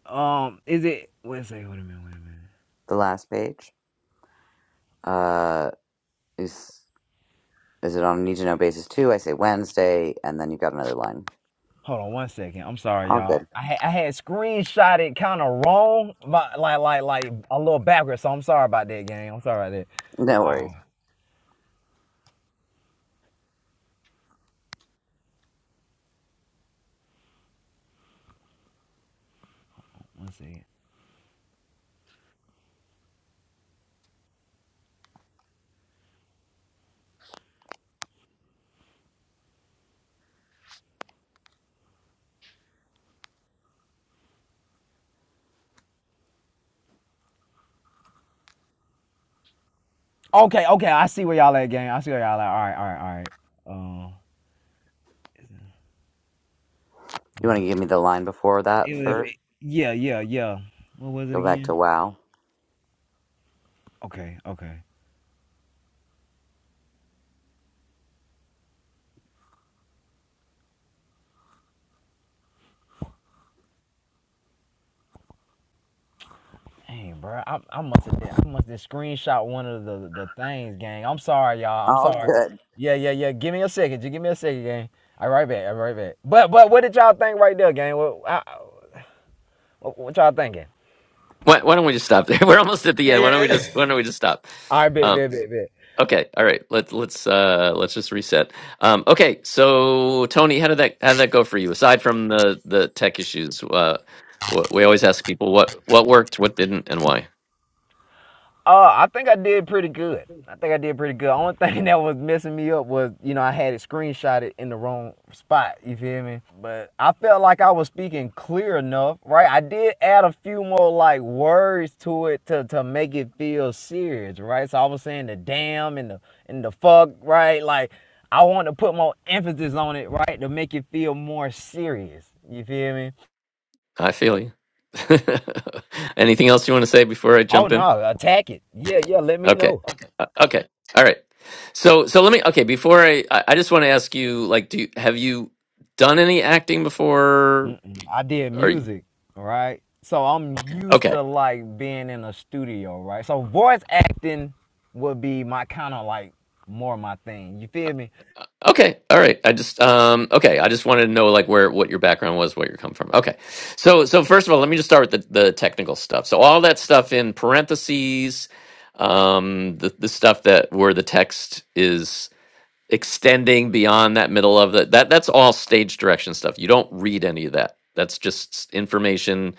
S6: Um, is it? Wait a second. Wait a minute. Wait a minute.
S4: the last page. Uh, is is it on a need to know basis too? I say Wednesday, and then you've got another line.
S6: Hold on one second. I'm sorry,
S4: All
S6: y'all.
S4: good. <laughs>
S6: I had I had screenshot it kind of wrong, but like like like a little backwards. So I'm sorry about that, gang. I'm sorry about that.
S4: No
S6: All
S4: worries.
S6: right, one second. Okay, okay. I see where y'all at, gang. I see where y'all at. All right, all right, all right. Um,
S4: You want
S6: uh,
S4: to give me the line before
S6: it
S4: that
S6: was if
S4: first?
S6: it, yeah, yeah, yeah. What was it
S4: Go back to
S6: again?
S4: wow.
S6: Okay, okay. Dang, bro, I, I must have did- I must have screenshot one of the the things, gang. I'm sorry, y'all. I'm
S4: All
S6: sorry.
S4: good.
S6: Yeah, yeah, yeah. Give me a second. Just give me a second, gang. All right, back. All right, back. But but what did y'all think right there, gang? What I, what y'all thinking?
S1: Why, why don't we just stop there? <laughs> We're almost at the
S6: Yeah,
S1: end. Why don't we
S6: yeah.
S1: just Why don't we just stop?
S6: <laughs> All right, bet,
S1: Um,
S6: bet, bet, bet.
S1: okay. All right. Let's let's uh, let's just reset. Um, okay. So Tony, how did that How did that go for you? Aside from the the tech issues, uh, wh- we always ask people what what worked, what didn't, and why.
S6: Uh, I think I did pretty good. I think I did pretty good. Only <laughs> thing that was messing me up was, you know, I had it screenshotted in the wrong spot. You feel me? But I felt like I was speaking clear enough, right? I did add a few more like words to it to to make it feel serious, right? So I was saying the damn and the and the fuck, right? Like I wanted to put more emphasis on it, right, to make it feel more serious. You feel me?
S1: I feel you. <laughs> Anything else you want to say before I
S6: Oh
S1: jump in?
S6: no, attack it. Yeah, yeah. Let me
S1: Okay.
S6: know.
S1: Uh, okay. All right. So so let me okay, before I I I just want to ask you like do you, have you done any acting before
S6: Mm-mm. I did
S1: or you-
S6: music, right? So I'm used
S1: okay.
S6: to like being in a studio, right? So voice acting would be my kind of like more my thing. You feel me?
S1: Uh, Okay. All right. I just um okay, I just wanted to know like where what your background was, where you come from. Okay. So so first of all, let me just start with the the technical stuff. So all that stuff in parentheses um the the stuff that where the text is extending beyond that middle of the that that's all stage direction stuff. You don't read any of that. That's just s- information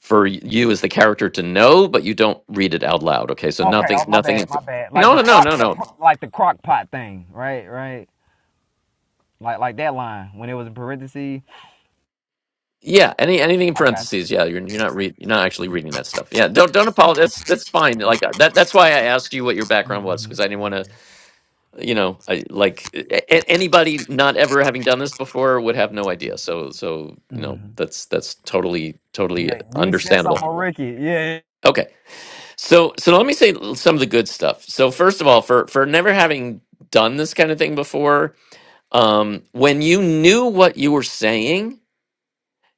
S1: for y- you as the character to know, but you don't read it out loud. Okay, so
S6: Okay,
S1: nothing,
S6: oh my
S1: nothing.
S6: bad,
S1: In,
S6: my bad. Like
S1: no,
S6: the
S1: no, no,
S6: crock,
S1: no,
S6: the,
S1: no.
S6: pro- like the crock pot thing, right? Right? Like like that line when it was in parentheses.
S1: Yeah, any anything in
S6: I got
S1: parentheses. Yeah, you're you're not read you're not actually reading that stuff. Yeah, don't don't apologize. That's, that's fine. Like that. That's why I asked you what your
S6: you.
S1: background was
S6: hmm
S1: because I didn't want to you know I, like a- a- anybody not ever having done this before would have no idea so so you know
S6: hmm
S1: that's that's totally totally
S6: Yeah, you said
S1: understandable
S6: something, Ricky. Yeah, yeah.
S1: okay so so let me say l- some of the good stuff so first of all for for never having done this kind of thing before um when you knew what you were saying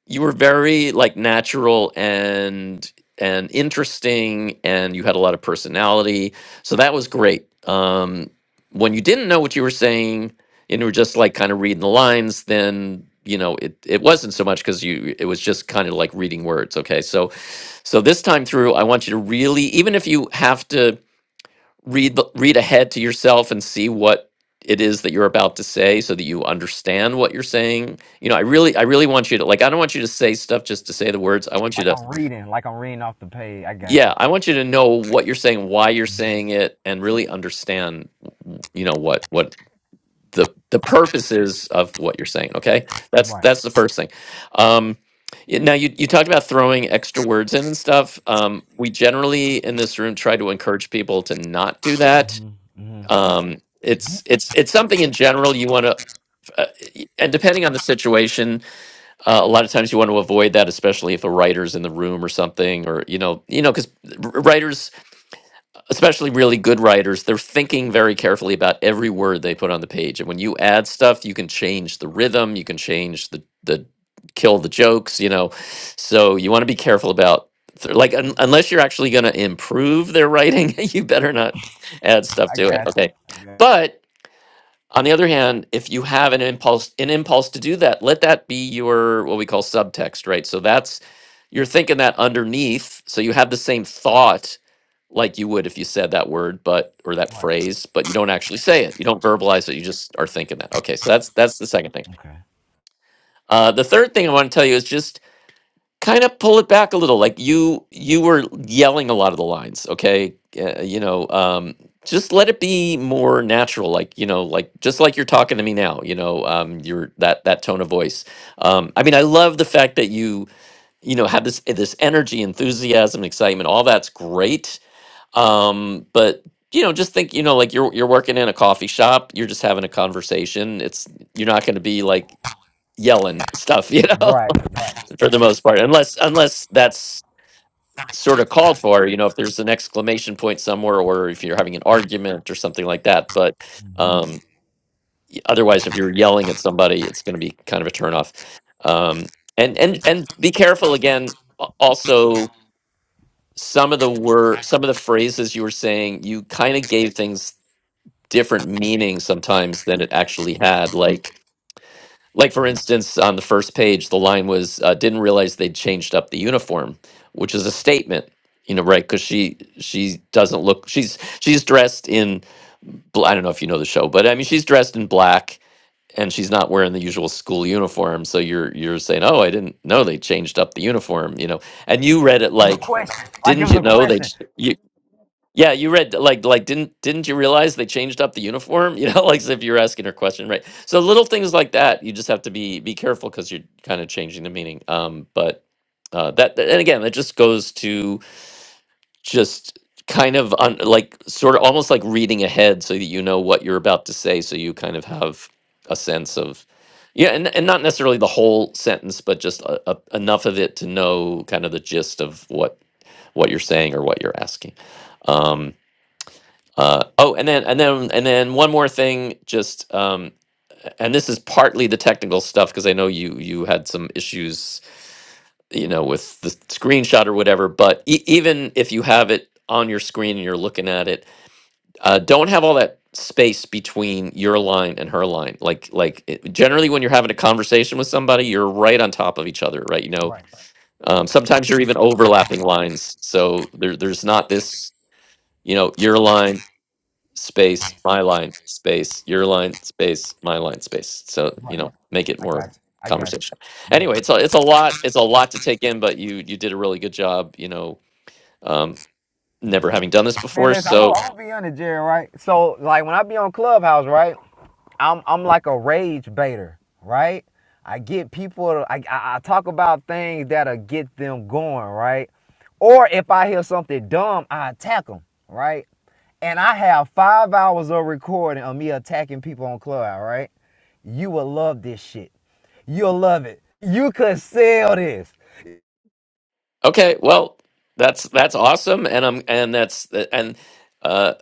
S1: you were very like natural and and interesting and you had a lot of personality so that was great um when you didn't know what you were saying and you were just like kind of reading the lines then you know it it wasn't so much because you it was just kind of like reading words okay so so this time through i want you to really even if you have to read the- read ahead to yourself and see what it is that you're about to say so that you understand what you're saying you know i really i really want you to like i don't want you to say stuff just to say the words i want you
S6: like
S1: to
S6: I'm reading, like I'm reading off the page. I got
S1: yeah
S6: you.
S1: i want you to know what you're saying why you're
S6: hmm
S1: saying it and really understand w- you know what what the the purpose is of what you're saying okay that's
S6: Right.
S1: that's the first thing um y- now you, you talked about throwing extra words in and stuff um, we generally in this room try to encourage people to not do that
S6: hmm
S1: um it's it's it's something in general you want to uh, y- and depending on the situation uh, a lot of times you want to avoid that especially if a writer's in the room or something or you know you know because writers especially really good writers they're thinking very carefully about every word they put on the page and when you add stuff you can change the rhythm you can change the the kill the jokes you know so you want to be careful about th- like un- unless you're actually going to improve their writing <laughs> you better not add stuff
S6: I
S1: to it
S6: got
S1: okay
S6: you. I got
S1: but on the other hand, if you have an impulse, an impulse to do that, let that be your what we call subtext, right? So that's you're thinking that underneath, so you have the same thought like you would if you said that word, but or that
S6: you. Right.
S1: phrase, but you don't actually say it. You don't verbalize it. You just are thinking that. Okay, so that's that's the second thing.
S6: Okay.
S1: Uh, the third thing I want to tell you is just kind of pull it back a little like you you were yelling a lot of the lines okay uh, you know um just let it be more natural like you know like just like you're talking to me now you know um your that that tone of voice um i mean i love the fact that you you know have this this energy enthusiasm excitement all that's great um but you know just think you know like you're you're working in a coffee shop you're just having a conversation it's you're not going to be like yelling stuff you know
S6: Right, right.
S1: <laughs> for the most part unless unless that's sort of called for you know if there's an exclamation point somewhere or if you're having an argument or something like that but
S6: hmm It
S1: um y- otherwise if you're yelling at somebody it's going to be kind of a turnoff um and and and be careful again a- also some of the word some of the phrases you were saying you kind of gave things different meanings sometimes than it actually had like like for instance, on the first page, the line was uh, didn't realize they'd changed up the uniform, which is a statement, you know, right? Because she she doesn't look she's she's dressed in bl- I don't know if you know the show, but I mean she's dressed in black and she's not wearing the usual school uniform. So you're you're saying, oh, I didn't know they changed up the uniform, you know, and you read it
S6: was a
S1: like,
S6: question. Like it
S1: didn't
S6: was
S1: you
S6: a
S1: know they
S6: question.
S1: ch- you yeah, you read like like didn't didn't you realize they changed up the uniform? <laughs> You know, like as if you're asking her question, right? So little things like that, you just have to be be careful because you're kind of changing the meaning. Um, but uh, that that- and again, it just goes to just kind of un, like sort of almost like reading ahead so that you know what you're about to say, so you kind of have a sense of yeah, and and not necessarily the whole sentence, but just a, a, enough of it to know kind of the gist of what what you're saying or what you're asking. Um, uh, oh, and then and then and then one more thing, just um, a- and this is partly the technical stuff because I know you you had some issues, you know, with the screenshot or whatever. But e- even if you have it on your screen and you're looking at it, uh, don't have all that space between your line and her line. Like like it, generally when you're having a conversation with somebody, you're right on top of each other, right? You know,
S6: Right,
S1: um, sometimes you're even overlapping lines, so there, there's not this, you know, your line space my line space your line space my line space so you
S6: right.
S1: know make it
S6: I got
S1: more
S6: you. I got you.
S1: conversation anyway
S6: Bet.
S1: it's a, it's a lot it's a lot to take in but you you did a really good job you know um
S6: Yeah.
S1: never having done this
S6: Man,
S1: before
S6: listen, I'm gonna,
S1: so
S6: I'm be on it, Jerry, right? So, like, when I be on Clubhouse, right, I'm I'm like a rage baiter, right? I get people. To, I, I I talk about things that'll get them going, right? Or if I hear something dumb, I attack them, right? And I have five hours of recording of me attacking people on Clubhouse, right? You will love this shit. You'll love it. You could sell this.
S1: Okay, well, that's that's awesome, and I'm and that's and uh,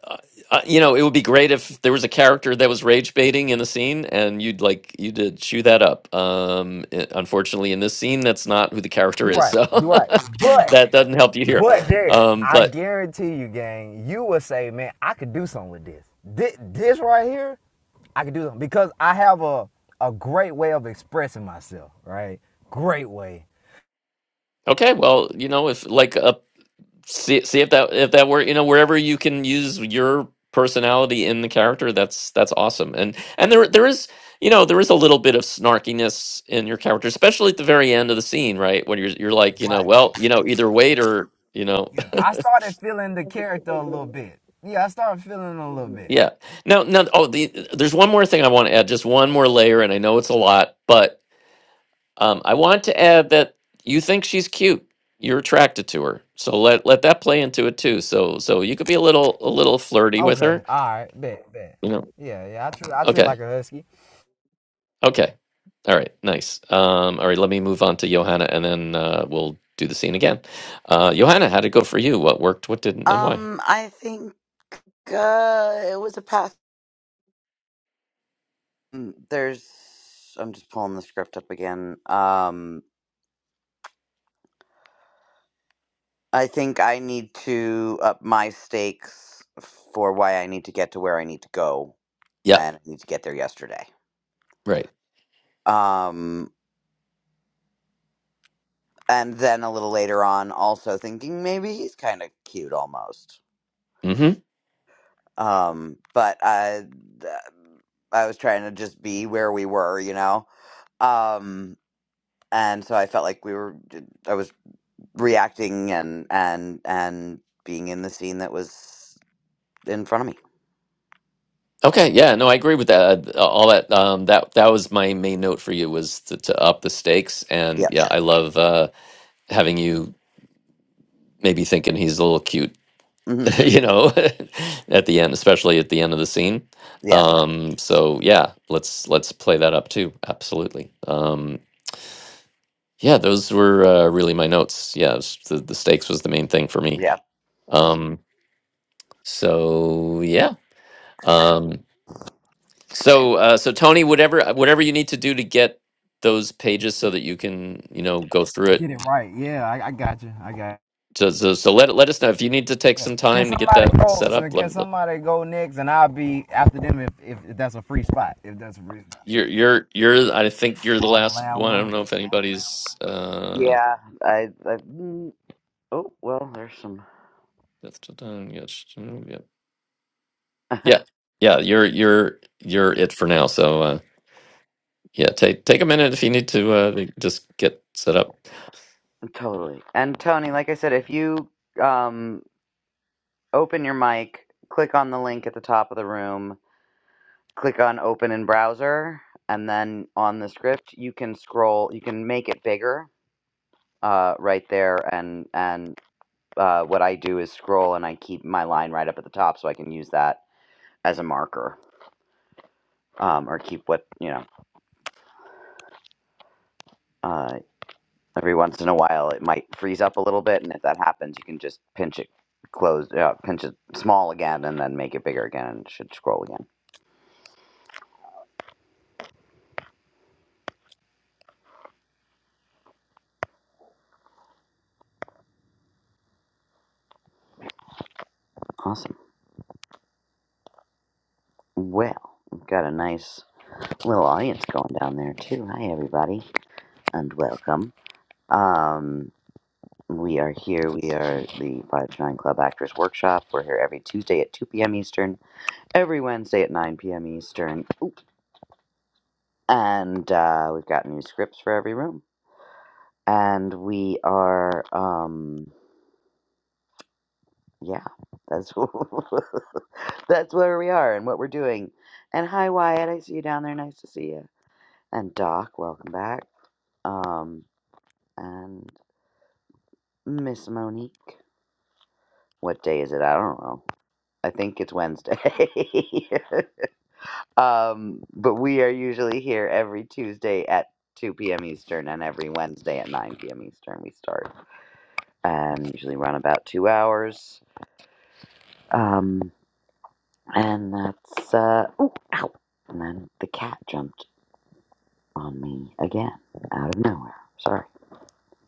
S1: uh, you know, it would be great if there was a character that was rage baiting in the scene, and you'd like you to chew that up. Um, i- unfortunately, in this scene, that's not who the character
S6: You're
S1: is,
S6: right.
S1: so
S6: You're
S1: <laughs>
S6: right. But.
S1: that doesn't help you here.
S6: But there,
S1: Um,
S6: I
S1: but
S6: guarantee you, gang, you will say, man, I could do something with this. This, this right here, I could do something because I have a a great way of expressing myself, right? Great way.
S1: okay, well, you know, if like a see see if that if that were you know wherever you can use your personality in the character that's that's awesome and and there there is you know there is a little bit of snarkiness in your character especially at the very end of the scene right when you're you're like you know
S6: Right.
S1: well you know either wait or you know
S6: Yeah. I started feeling the character a little bit. Yeah, I started feeling it a little
S1: <laughs>
S6: bit.
S1: yeah no no oh the, there's one more thing i want to add just one more layer and i know it's a lot but um i want to add that you think she's cute you're attracted to her so let let that play into it too so so you could be a little a little flirty with
S6: Okay.
S1: her
S6: All right. Bet. Bet.
S1: you know.
S6: Yeah. Yeah. I treat I treat like
S1: Okay.
S6: a husky.
S1: Okay. All right. Nice. Um, all right. Let me move on to Johanna, and then uh, we'll do the scene again. Uh, Johanna, how'd it go for you? What worked? What didn't? And why?
S4: Um, I think uh, it was a pass. Mm, There's, I'm just pulling the script up again. Um, I think I need to up my stakes for why I need to get to where I need to go,
S1: Yeah.
S4: and I need to get there yesterday.
S1: Right.
S4: Um, and then a little later on, also thinking maybe he's kind of cute almost.
S1: Hmm.
S4: Um, but I, th- I was trying to just be where we were, you know. Um, and so I felt like we were. I was reacting and and and being in the scene that was in front of me.
S1: Okay. Yeah. No, I agree with that. Uh, All that. Um, that that was my main note for you was to, to up the stakes. And
S4: Yeah.
S1: yeah, I love uh, having you maybe thinking he's a little cute.
S4: hmm
S1: <laughs> You know, <laughs> at the end, especially at the end of the scene.
S4: Yeah.
S1: Um, so yeah, let's let's play that up too. Absolutely. Um, Yeah, those were uh, really my notes. Yeah, it was- the, the stakes was the main thing for me.
S4: Yeah.
S1: Um, so yeah. Um, so uh, so Tony, whatever uh, whatever you need to do to get those pages so that you can you know go through it.
S6: Get it right. Yeah. I, I got you. I got. You.
S1: So, so, so let let us know if you need to take some
S6: Can
S1: time to get
S6: somebody
S1: that
S6: go?
S1: set
S6: So
S1: up.
S6: can
S1: Let, let-
S6: somebody go next, and I'll be after them if, if, if that's a free spot. If that's a free. spot.
S1: you're you're you're. I think you're
S6: Oh,
S1: the
S6: I'm the
S1: last
S6: loud
S1: one. I don't
S6: one.
S1: know if anybody's. Uh,
S4: Yeah. I, I. mm, Oh well, there's some.
S1: that's done. Yes. Yeah.
S4: <laughs>
S1: Yeah. Yeah. You're you're you're it for now. So. Uh, Yeah, take take a minute if you need to uh, just get set up.
S4: totally. And Tony, like I said, if you um open your mic, click on the link at the top of the room, click on open in browser, and then on the script you can scroll. You can make it bigger. Uh, right there, and and uh, what I do is scroll, and I keep my line right up at the top, so I can use that as a marker um, or keep what you know uh, every once in a while it might freeze up a little bit and if that happens you can just pinch it closed uh, pinch it small again and then make it bigger again and it should scroll again awesome well we've got a nice little audience going down there too hi everybody and welcome um, we are here we are the 529 club actors workshop we're here every tuesday at 2 p.m eastern every wednesday at 9 p.m eastern Oop. and uh, we've got new scripts for every room and we are um yeah that's <laughs> that's where we are and what we're doing and hi wyatt i see you down there nice to see you and doc welcome back um and miss monique what day is it i don't know i think it's wednesday <laughs> um but we are usually here every tuesday at 2 p.m eastern and every wednesday at 9 p.m eastern we start and usually run about two hours um And that's, uh, oh, ow. And then the cat jumped on me again out of nowhere. Sorry.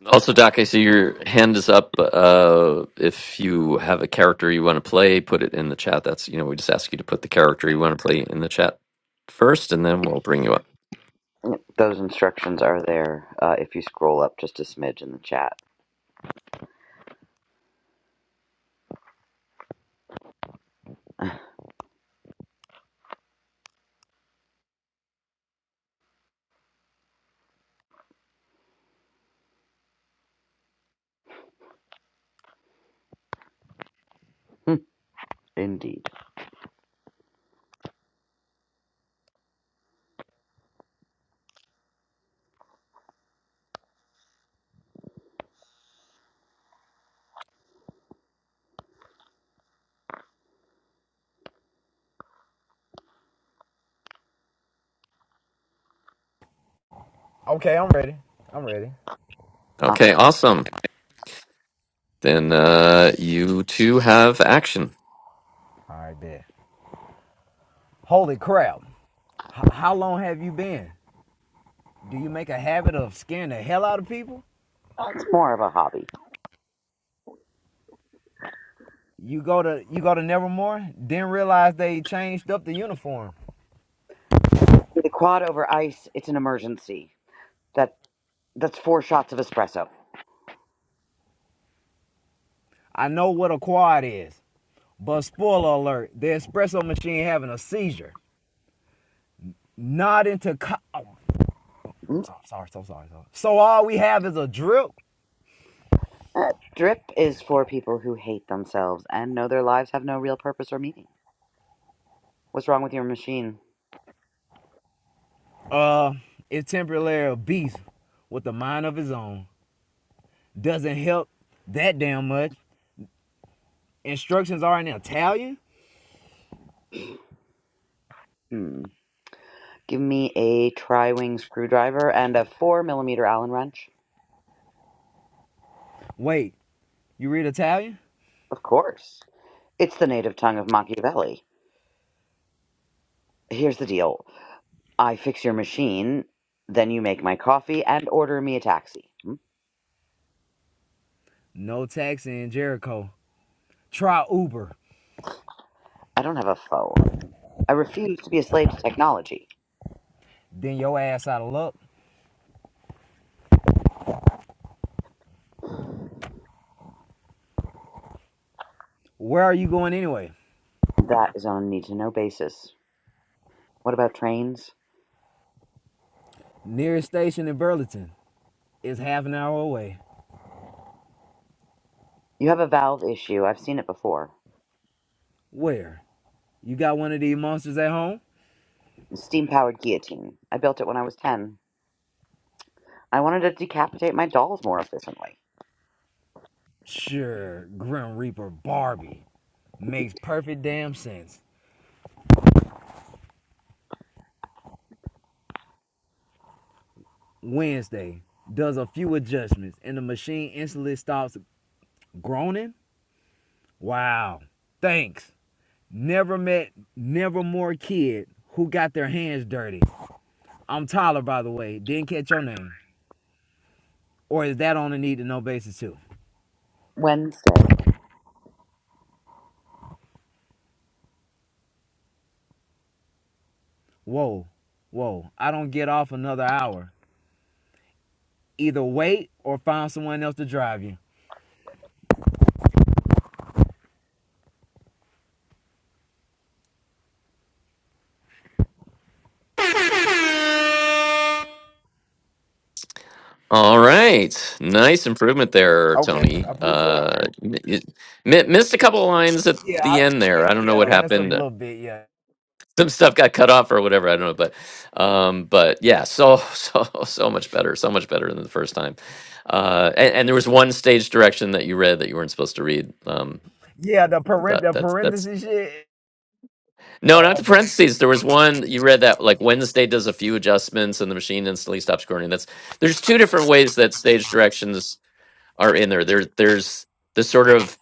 S1: Also, Doc, I see your hand is up. Uh, if you have a character you want to play, put it in the chat. That's you know we just ask you to put the character you want to play in the chat first, and then we'll bring you up.
S4: Yep, Those instructions are there uh, if you scroll up just a smidge in the chat. <laughs> Indeed.
S6: Okay, I'm ready. I'm ready.
S4: Uh,
S1: Okay, awesome. Then uh, you two have action.
S6: All right, bet. Holy crap. H- how long have you been? Do you make a habit of scaring the hell out of people?
S4: it's more of a hobby.
S6: You go to you go to Nevermore, didn't realize they changed up the uniform.
S4: The quad over ice, it's an emergency. That That's four shots of espresso.
S6: I know what a quad is, but spoiler alert, the espresso machine having a seizure. Not into co- oh,
S4: Mm,
S6: sorry, sorry, so sorry, so So all we have is a drip.
S4: uh, drip is for people who hate themselves and know their lives have no real purpose or meaning. What's wrong with your machine?
S6: Uh, it's temporarily a beast with a mind of his own. doesn't help that damn much. Instructions are in Italian.
S4: Hmm. Give me a tri-wing screwdriver and a four millimeter Allen wrench.
S6: Wait, you read Italian?
S4: Of course. It's the native tongue of Machiavelli. Here's the deal. I fix your machine, then you make my coffee and order me a taxi. Hmm?
S6: No taxi in Jericho. Try Uber.
S4: I don't have a phone. I refuse to be a slave to technology.
S6: Then your ass out of luck. Where are you going anyway?
S4: That is on a need to know basis. What about trains?
S6: Nearest station in Burlington is half an hour away.
S4: You have a valve issue. I've seen it before.
S6: Where? You got one of these monsters at home?
S4: Steam powered guillotine. I built it when I was 10. I wanted to decapitate my dolls more efficiently.
S6: Sure, Grim Reaper Barbie. Makes perfect damn sense. Wednesday does a few adjustments and the machine instantly stops groaning? Wow. Thanks. Never met never more kid who got their hands dirty. I'm Tyler, by the way. Didn't catch your name. Or is that on a need to know basis too?
S4: Wednesday.
S6: Whoa, whoa. I don't get off another hour. Either wait or find someone else to drive you.
S1: All right, nice improvement there,
S6: Okay,
S1: Tony.
S6: I appreciate it.
S1: Uh, m- you- mi- missed a couple of lines at
S6: Yeah,
S1: the
S6: I,
S1: end
S6: yeah,
S1: there. I don't know
S6: yeah.
S1: what
S6: I Messed up a
S1: happened.
S6: little bit. Yeah,
S1: some stuff got cut off or whatever. I don't know, but um, but yeah, so <laughs> so so much better, so much better than the first time. Uh, and, and there was one stage direction that you read that you weren't supposed to read. Um,
S6: yeah. The parent,
S1: that
S6: the
S1: that's that's
S6: parenthesis shit.
S1: no,
S6: Oh,
S1: not the
S6: okay.
S1: parentheses. There was one you read that like Wednesday does a few adjustments and the machine instantly stops recording. That's there's two different ways that stage directions are in there. There's there's the sort of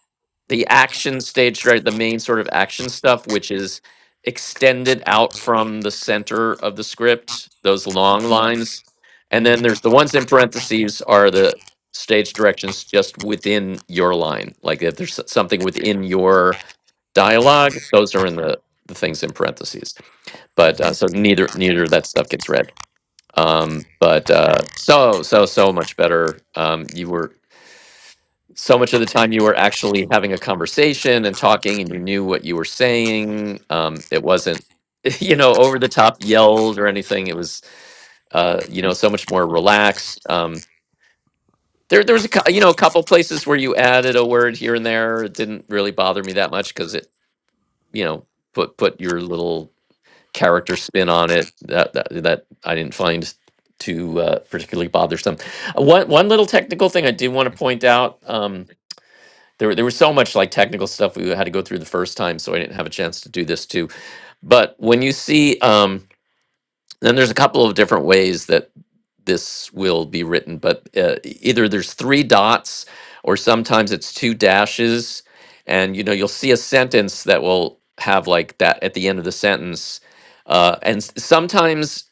S1: the action stage, right? The main sort of action stuff, which is extended out from the center of the script, those long lines. And
S6: hmm
S1: then there's the ones in parentheses are the stage directions just within your line. Like if there's s- something within your dialogue, those are in the, the things in parentheses. But
S6: Okay.
S1: uh, so neither neither of that stuff gets read. Um, but uh, so so so much better. Um, you were so much of the time you were actually having a conversation and talking and you knew what you were saying um it wasn't <laughs> you know over the top yelled or anything it was uh you know so much more relaxed um there there was a cou- you know a couple places where you added a word here and there it didn't really bother me that much cuz it you know put put your little character spin on it that that, that I didn't find too uh, particularly bothersome. Uh, One one little technical thing I do want to point out. Um, there, were- there was so much like technical stuff we had to go through the first time, so I didn't have a chance to do this too. But when you see, um, then there's a couple of different ways that this will be written, but uh, e- either there's three dots or sometimes it's two dashes, and you know you'll see a sentence that will have like that at the end of the sentence, uh, and s- sometimes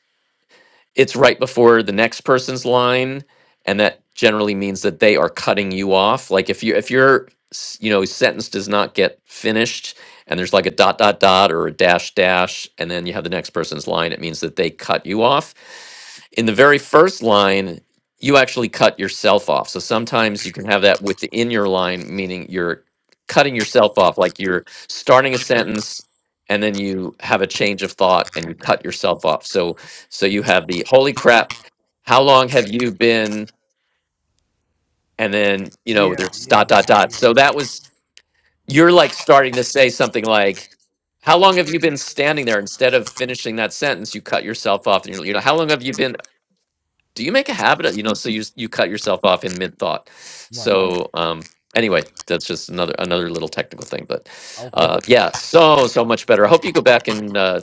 S1: it's right before the next person's line and that generally means that they are cutting you off like if you if your s- you know sentence does not get finished and there's like a dot dot dot or a dash dash and then you have the next person's line it means that they cut you off in the very first line you actually cut yourself off so sometimes you can have that within your line meaning you're cutting yourself off like you're starting a sentence and then you have a change of thought and you cut yourself off so so you have the holy crap, how long have you been? And then, you know,
S6: Yeah,
S1: there's
S6: yeah,
S1: dot,
S6: all
S1: dot,
S6: right,
S1: dot.
S6: yeah.
S1: So that was, you're like starting to say something like, how long have you been standing there? Instead of finishing that sentence, you cut yourself off and you're, you know, how long have you been? Do you make a habit of, you know, so you, s- you cut yourself off in mid thought.
S6: Right.
S1: So, um, anyway, that's just another, another little technical thing, but,
S6: Okay.
S1: uh, yeah, so, so much better. I hope you go back and, uh,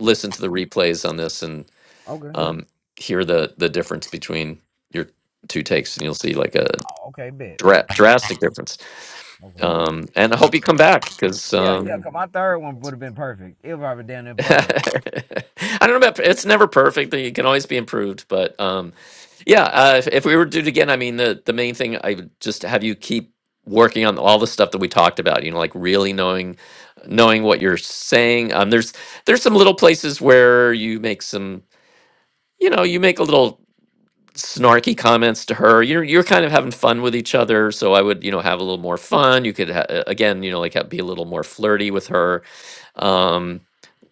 S1: listen to the replays on this and.
S6: Okay.
S1: um, hear the the difference between your two takes, and you'll see like a
S6: Oh, Okay. Bet.
S1: dra-
S6: Bet.
S1: drastic difference.
S6: Okay.
S1: Um, and I hope you come back because
S6: Yeah, yeah,
S1: um,
S6: because my third one would have been perfect. It would have been damn near
S1: <laughs> I
S6: perfect.
S1: don't know about it's never perfect. It can always be improved, but um, yeah, uh, if, if we were to do it again, I mean, the the main thing I would just have you keep working on all the stuff that we talked about. You know, like really knowing knowing what you're saying. Um, there's there's some little places where you make some you know you make a little snarky comments to her. You're you're kind of having fun with each other, so I would you know have a little more fun. You could ha- uh, again you know like ha- be a little more flirty with her. Um,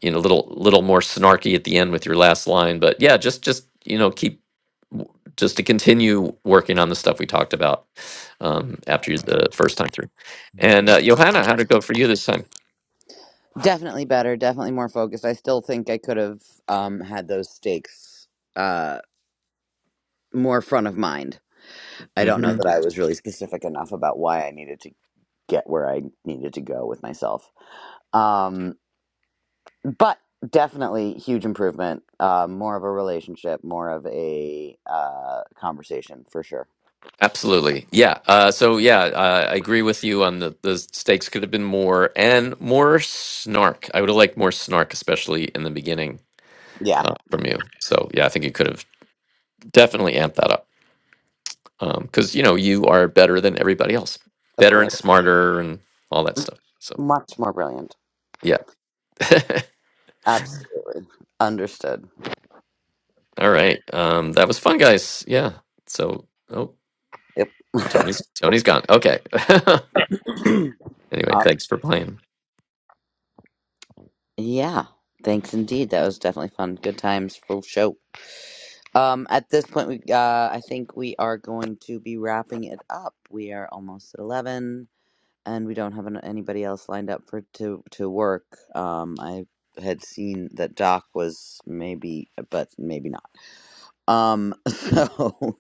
S1: you know, little little more snarky at the end with your last line, but yeah, just just you know keep w- just to continue working on the stuff we talked about um,
S6: I
S1: after you-
S6: got you.
S1: the first time through.
S6: Bet.
S1: And uh, Johanna, how'd it go for you this time?
S4: Definitely better, definitely more focused. I still think I could have um, had those stakes uh, more front of mind. I don't know
S1: Mm-hmm.
S4: that I was really specific enough about why I needed to get where I needed to go with myself. Um, but definitely huge improvement, uh, more of a relationship, more of a uh, conversation for sure.
S1: Absolutely. Yeah. Uh, so, yeah, uh, I agree with you on the, the stakes could have been more and more snark. I would have liked more snark, especially in the beginning
S4: Yeah,
S1: uh, from you. So, yeah, I think you could have definitely amped that up because, you know, you are better than everybody else,
S4: of
S1: better and
S4: course.
S1: smarter and all that stuff. So,
S4: Much more brilliant.
S1: yeah. <laughs>
S4: Absolutely. Understood.
S1: all right. Um, that was fun, guys. Yeah. So, oh,
S4: Yep. <laughs>
S1: Tony's Tony's gone. Okay. <laughs> anyway,
S4: Uh,
S1: thanks for playing.
S4: yeah. Thanks indeed. That was definitely fun. Good times. Full show. Um, at this point, we uh, I think we are going to be wrapping it up. We are almost at eleven, and we don't have an, anybody else lined up for to to work. Um, I had seen that Doc was maybe, but maybe not. Um, <laughs> so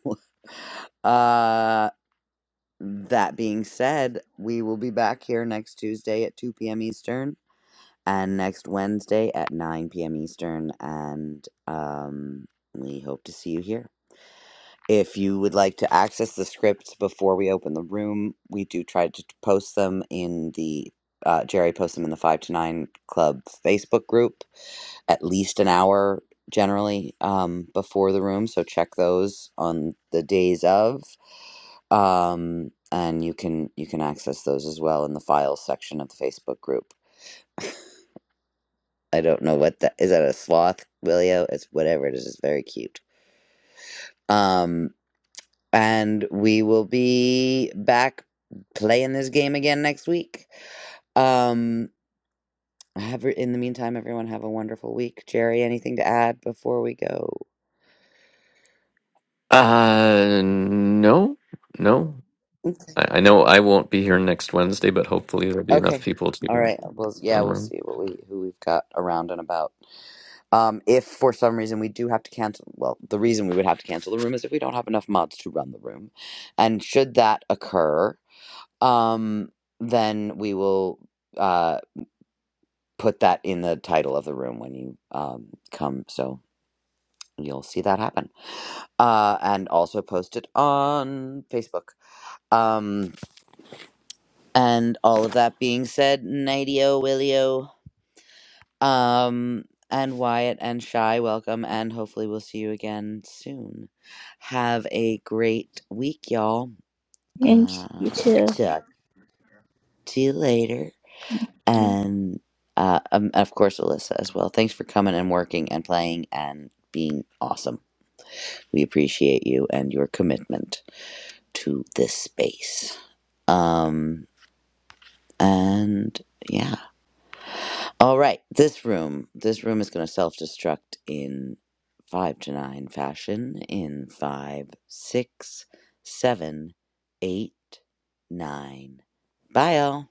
S4: uh, that being said, we will be back here next Tuesday at two p.m. Eastern, and next Wednesday at nine p.m. Eastern, and um, we hope to see you here. If you would like to access the scripts before we open the room, we do try to post them in the uh, Jerry posts them in the Five to Nine Club Facebook group at least an hour generally um, before the room. So check those on the days of, um, and you can you can access those as well in the files section of the Facebook group. I don't know what that is. That a sloth, Willio? It's whatever it is. It's very cute. Um, and we will be back playing this game again next week. Um, have in the meantime, everyone have a wonderful week. Jerry, anything to add before we go?
S1: Uh, no, no.
S4: Okay.
S1: I, I know I won't be here next Wednesday, but hopefully there'll be enough
S4: Okay.
S1: people to.
S4: All right. Well, yeah, we'll see what we who we've got around and about. Um, if for some reason we do have to cancel, well, the reason we would have to cancel the room is if we don't have enough mods to run the room, and should that occur, um, then we will. uh. put that in the title of the room when you um, come, so you'll see that happen. Uh, and also post it on Facebook. Um, and all of that being said, Nightio, Willio, um, and Wyatt and Shy, welcome, and hopefully we'll see you again soon. Have a great week, y'all.
S2: And
S4: Uh,
S2: you too.
S4: talk to you later,
S2: Thank you.
S4: and uh, um, of course, Alyssa as well. Thanks for coming and working and playing and being awesome. We appreciate you and your commitment to this space. Um, and yeah. All right. This room. This room is going to self destruct in five to nine fashion in five, six, seven, eight, nine. Bye, all.